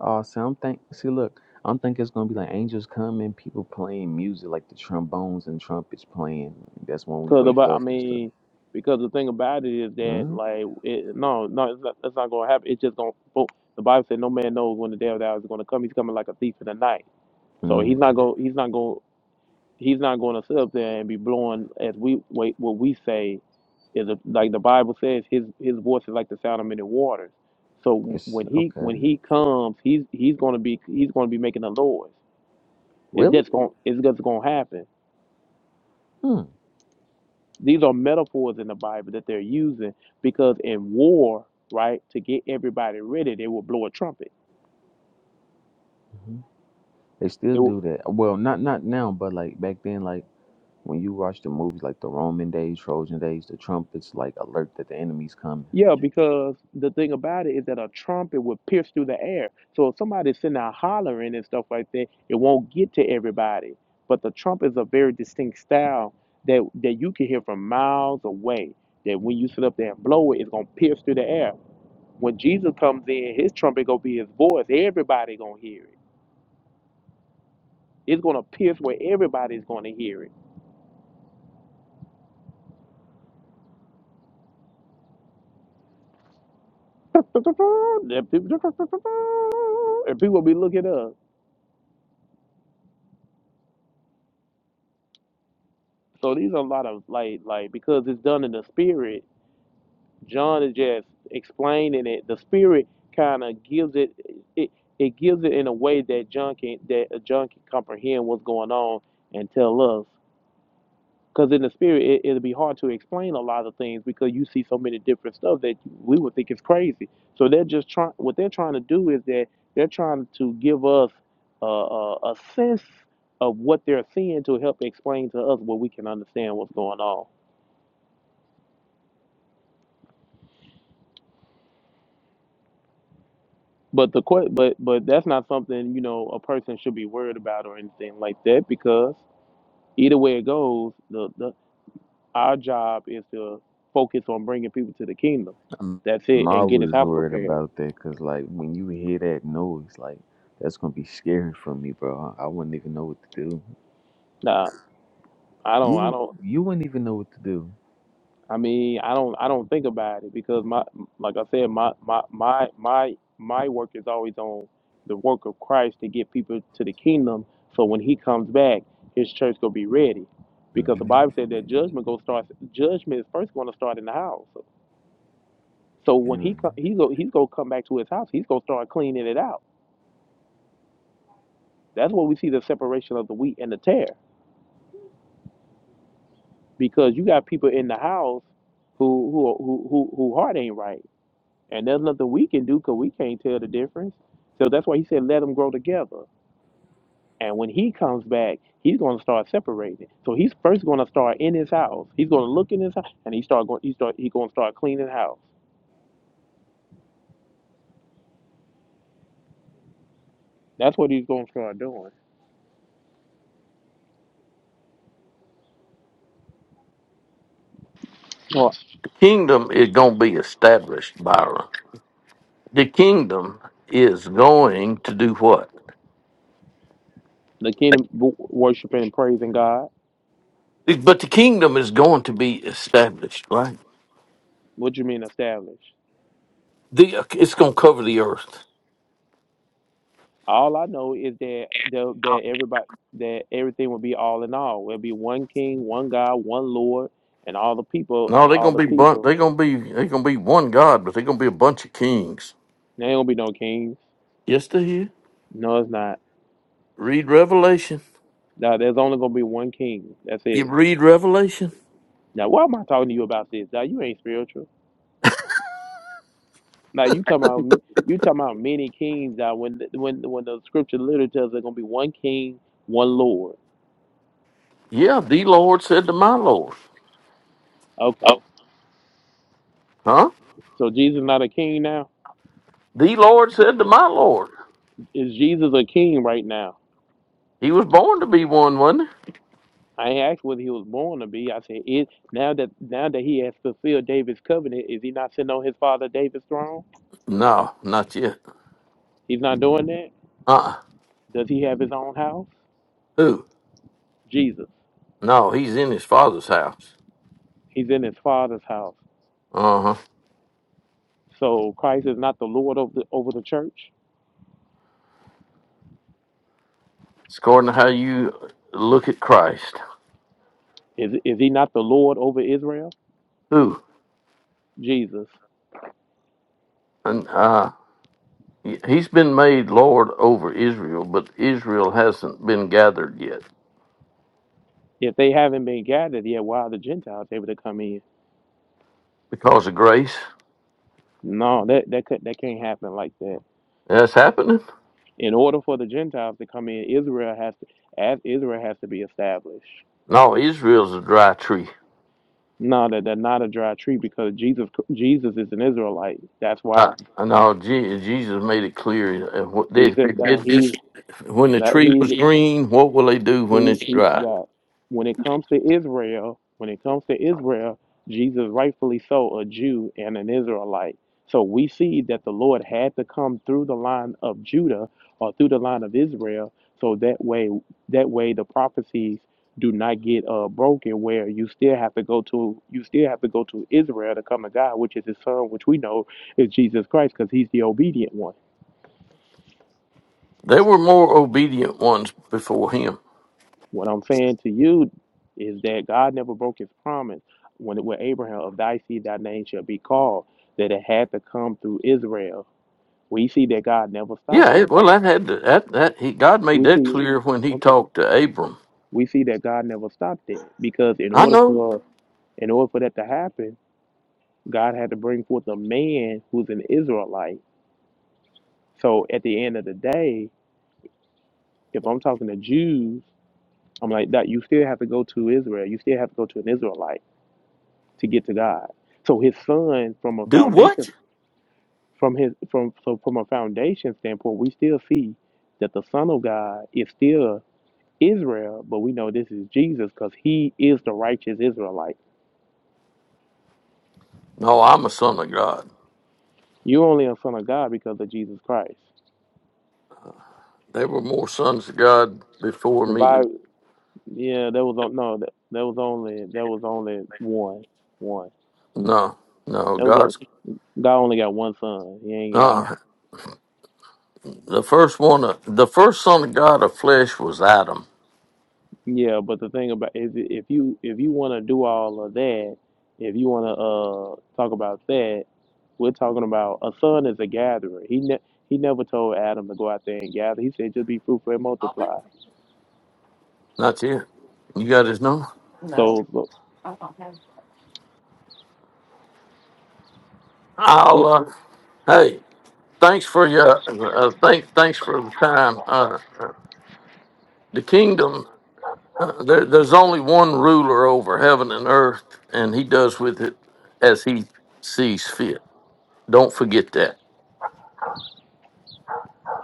S5: Oh, see, I'm think. See, look, I'm thinking it's gonna be like angels coming, people playing music, like the trombones and trumpets playing. That's when we
S2: Cause the
S5: wake
S2: I
S5: up and stuff.
S2: mean, because the thing about it is that
S5: Mm-hmm.
S2: like it, no no it's not, that's not gonna happen. It's just gonna boom. The Bible said no man knows when the day of the hour is gonna come. He's coming like a thief in the night. So
S5: Mm,
S2: he's not gonna he's not gonna he's not gonna sit up there and be blowing as we wait what we say is a, like the Bible says, his his voice is like the sound of many waters. So
S5: It's
S2: when he
S5: okay.
S2: when he comes, he's he's going to be he's going to be making a noise. It's
S5: Really?
S2: just going it's just going to happen.
S5: Hmm.
S2: These are metaphors in the Bible that they're using because in war, right, to get everybody ready, they will blow a trumpet.
S5: They still do that. Well, not not now, but like back then, like when you watch the movies, like the Roman days, Trojan days, the trumpets like alert that the enemy's coming.
S2: Yeah, because the thing about it is that a trumpet would pierce through the air. So if somebody's sitting out hollering and stuff like that, it won't get to everybody. But the trumpet is a very distinct style that that you can hear from miles away. That when you sit up there and blow it, it's gonna pierce through the air. When Jesus comes in, his trumpet gonna be his voice. Everybody gonna hear it. It's gonna pierce where everybody's gonna hear it. [laughs] And people will be looking up. So these are a lot of like like because it's done in the spirit. John is just explaining it. The spirit kind of gives it it it gives it in a way that John can that uh, John can comprehend what's going on and tell us. Because in the spirit, it, it'll be hard to explain a lot of things because you see so many different stuff that we would think is crazy. So they're just trying. What they're trying to do is that they're trying to give us uh, uh, a sense of what they're seeing to help explain to us what we can understand what's going on. But the que- but but that's not something you know a person should be worried about or anything like that because either way it goes, the, the our job is to focus on bringing people to the kingdom.
S5: I'm,
S2: That's
S5: I'm
S2: it, and get His
S5: always
S2: house
S5: worried
S2: prepared.
S5: about that because like when you hear that noise, like that's gonna be scary for me, bro. I, I wouldn't even know what to do.
S2: Nah, I
S5: You
S2: don't. I
S5: would
S2: don't.
S5: you wouldn't even know what to do.
S2: I mean, I don't I don't think about it because my like I said, my my my my my work is always on the work of Christ to get people to the kingdom. So when He comes back, His church gonna be ready, because the Bible said that judgment gonna start. Judgment is first gonna start in the house. So when He
S5: hmm
S2: co- He's gonna, He's gonna come back to His house. He's gonna start cleaning it out. That's where we see the separation of the wheat and the tare, because you got people in the house who who who who, who heart ain't right And there's nothing we can do because we can't tell the difference. So that's why he said, let them grow together. And when he comes back, he's going to start separating. So he's first going to start in his house. He's going to look in his house, and he start going. He start. He's going to start cleaning house. That's what he's going to start doing. So
S3: The kingdom is gonna be established, Byron. The kingdom is going to do what?
S2: the kingdom worshiping and praising God.
S3: But the kingdom is going to be established, right?
S2: What do you mean establish?
S3: The it's gonna cover the earth.
S2: All I know is that that, that everybody that everything will be all in all. There'll be one king, one God, one Lord, and all the people.
S3: No, they're
S2: All
S3: gonna
S2: the
S3: be bun-
S2: people.
S3: they're gonna be they're gonna be one God, but they're gonna be a bunch of kings.
S2: There ain't gonna be no kings.
S3: Yes, they are.
S2: No, it's not.
S3: Read Revelation.
S2: Now, there's only gonna be one king. That's
S3: You
S2: it.
S3: read Revelation.
S2: Now, why am I talking to you about this? Now, you ain't spiritual. Now, you talking about ma- you talking about many kings. Now, when when when the scripture literally tells there's gonna be one king, one Lord.
S3: Yeah, the Lord said to my Lord.
S2: Okay,
S3: Huh?
S2: so Jesus not a king now.
S3: The Lord said to my Lord.
S2: Is Jesus a king right now?
S3: He was born to be one, wasn't
S2: I ain't asked whether he was born to be. I said, it now that now that he has fulfilled David's covenant, is he not sitting on his father David's throne?
S3: he? No, not yet.
S2: He's not doing that.
S3: Uh uh
S2: Does he have his own house?
S3: Who?
S2: Jesus.
S3: No, he's in his father's house.
S2: He's in his father's house.
S3: Uh huh.
S2: So Christ is not the Lord over the, over the church.
S3: It's according to how you look at Christ.
S2: Is is he not the Lord over Israel?
S3: Who?
S2: Jesus.
S3: And uh he's been made Lord over Israel, but Israel hasn't been gathered yet.
S2: If they haven't been gathered yet, why are the Gentiles able to come in?
S3: Because of grace.
S2: No, that that could, that can't happen like that.
S3: That's happening?
S2: In order for the Gentiles to come in, Israel has to as Israel has to be established.
S3: No, Israel's a dry tree.
S2: No, that they're not a dry tree because Jesus Jesus is an Israelite. That's why
S3: Uh, no, Je- Jesus made it clear. uh, what- They
S2: he's
S3: they
S2: in, uh,
S3: did this
S2: he's
S3: when the
S2: that
S3: tree was
S2: he's
S3: green. What will they do when
S2: He,
S3: it's
S2: he
S3: dry?
S2: that when it comes to Israel, when it comes to Israel, Jesus rightfully so a Jew and an Israelite. So we see that the Lord had to come through the line of Judah or through the line of Israel, so that way that way the prophecies do not get uh broken where you still have to go to you still have to go to Israel to come to God, which is his son, which we know is Jesus Christ, because he's the obedient one.
S3: There were more obedient ones before him.
S2: What I'm saying to you is that God never broke his promise when it with Abraham of thy seed thy name shall be called, that it had to come through Israel. We see that God never
S3: Yeah,
S2: stopped
S3: it,
S2: it.
S3: well,
S2: That
S3: that had to, that that he God made
S2: we
S3: that
S2: see
S3: clear when he
S2: okay.
S3: talked to Abram.
S2: We see that God never stopped it. Because in
S3: I
S2: order
S3: know.
S2: for in order for that to happen, God had to bring forth a man who's an Israelite. So at the end of the day, if I'm talking to Jews, I'm like that you still have to go to Israel. You still have to go to an Israelite to get to God. So his son from a
S3: Do what?
S2: foundation from his from so from a foundation standpoint, we still see that the Son of God is still Israel, but we know this is Jesus because he is the righteous Israelite.
S3: No, I'm a son of God.
S2: You're only a son of God because of Jesus Christ.
S3: There were more sons of God before
S2: The
S3: me.
S2: Bible yeah, there was on- no that, that was only there was only one. One.
S3: No, no,
S2: That was on,
S3: God's.
S2: God only got one son. He ain't got
S3: Uh, the first one, uh, the first son of God of flesh was Adam.
S2: Yeah, but the thing about if if you if you want to do all of that, if you want to uh talk about that, we're talking about a son is a gatherer. He ne- he never told Adam to go out there and gather. He said just be fruitful and multiply.
S3: Not it. You got his number.
S2: So, so
S3: I'll,
S2: it,
S3: uh, hey, thanks for your, uh, thank, thanks for the time. Uh, uh, the kingdom, uh, there, there's only one ruler over heaven and earth, and he does with it as he sees fit. Don't forget that.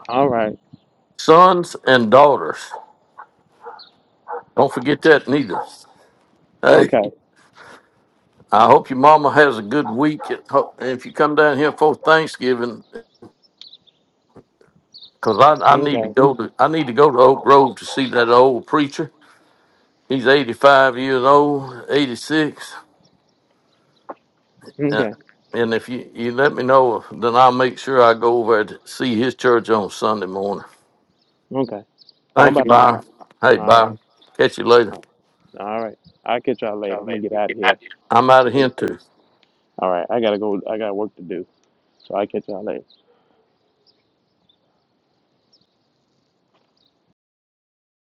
S2: all right,
S3: Sons and daughters, don't forget that neither. Hey,
S2: okay,
S3: I hope your mama has a good week. And ho- and if you come down here for Thanksgiving, because I, I need to
S2: okay,
S3: go to I need to go to Oak Grove to see that old preacher. He's 85 years old, 86. And
S2: okay,
S3: and if you, you let me know, then I'll make sure I go over to see his church on Sunday morning.
S2: okay. Well, I'm
S3: Thank you,
S2: about to go. My
S3: Byron. Hey,
S2: all right,
S3: Byron. Catch you later.
S2: all right. all right. I'll catch y'all later. I'm gonna get out of here.
S3: I'm out of here,
S2: All
S3: too.
S2: right, I gotta go. I got work to do. So I will catch y'all later.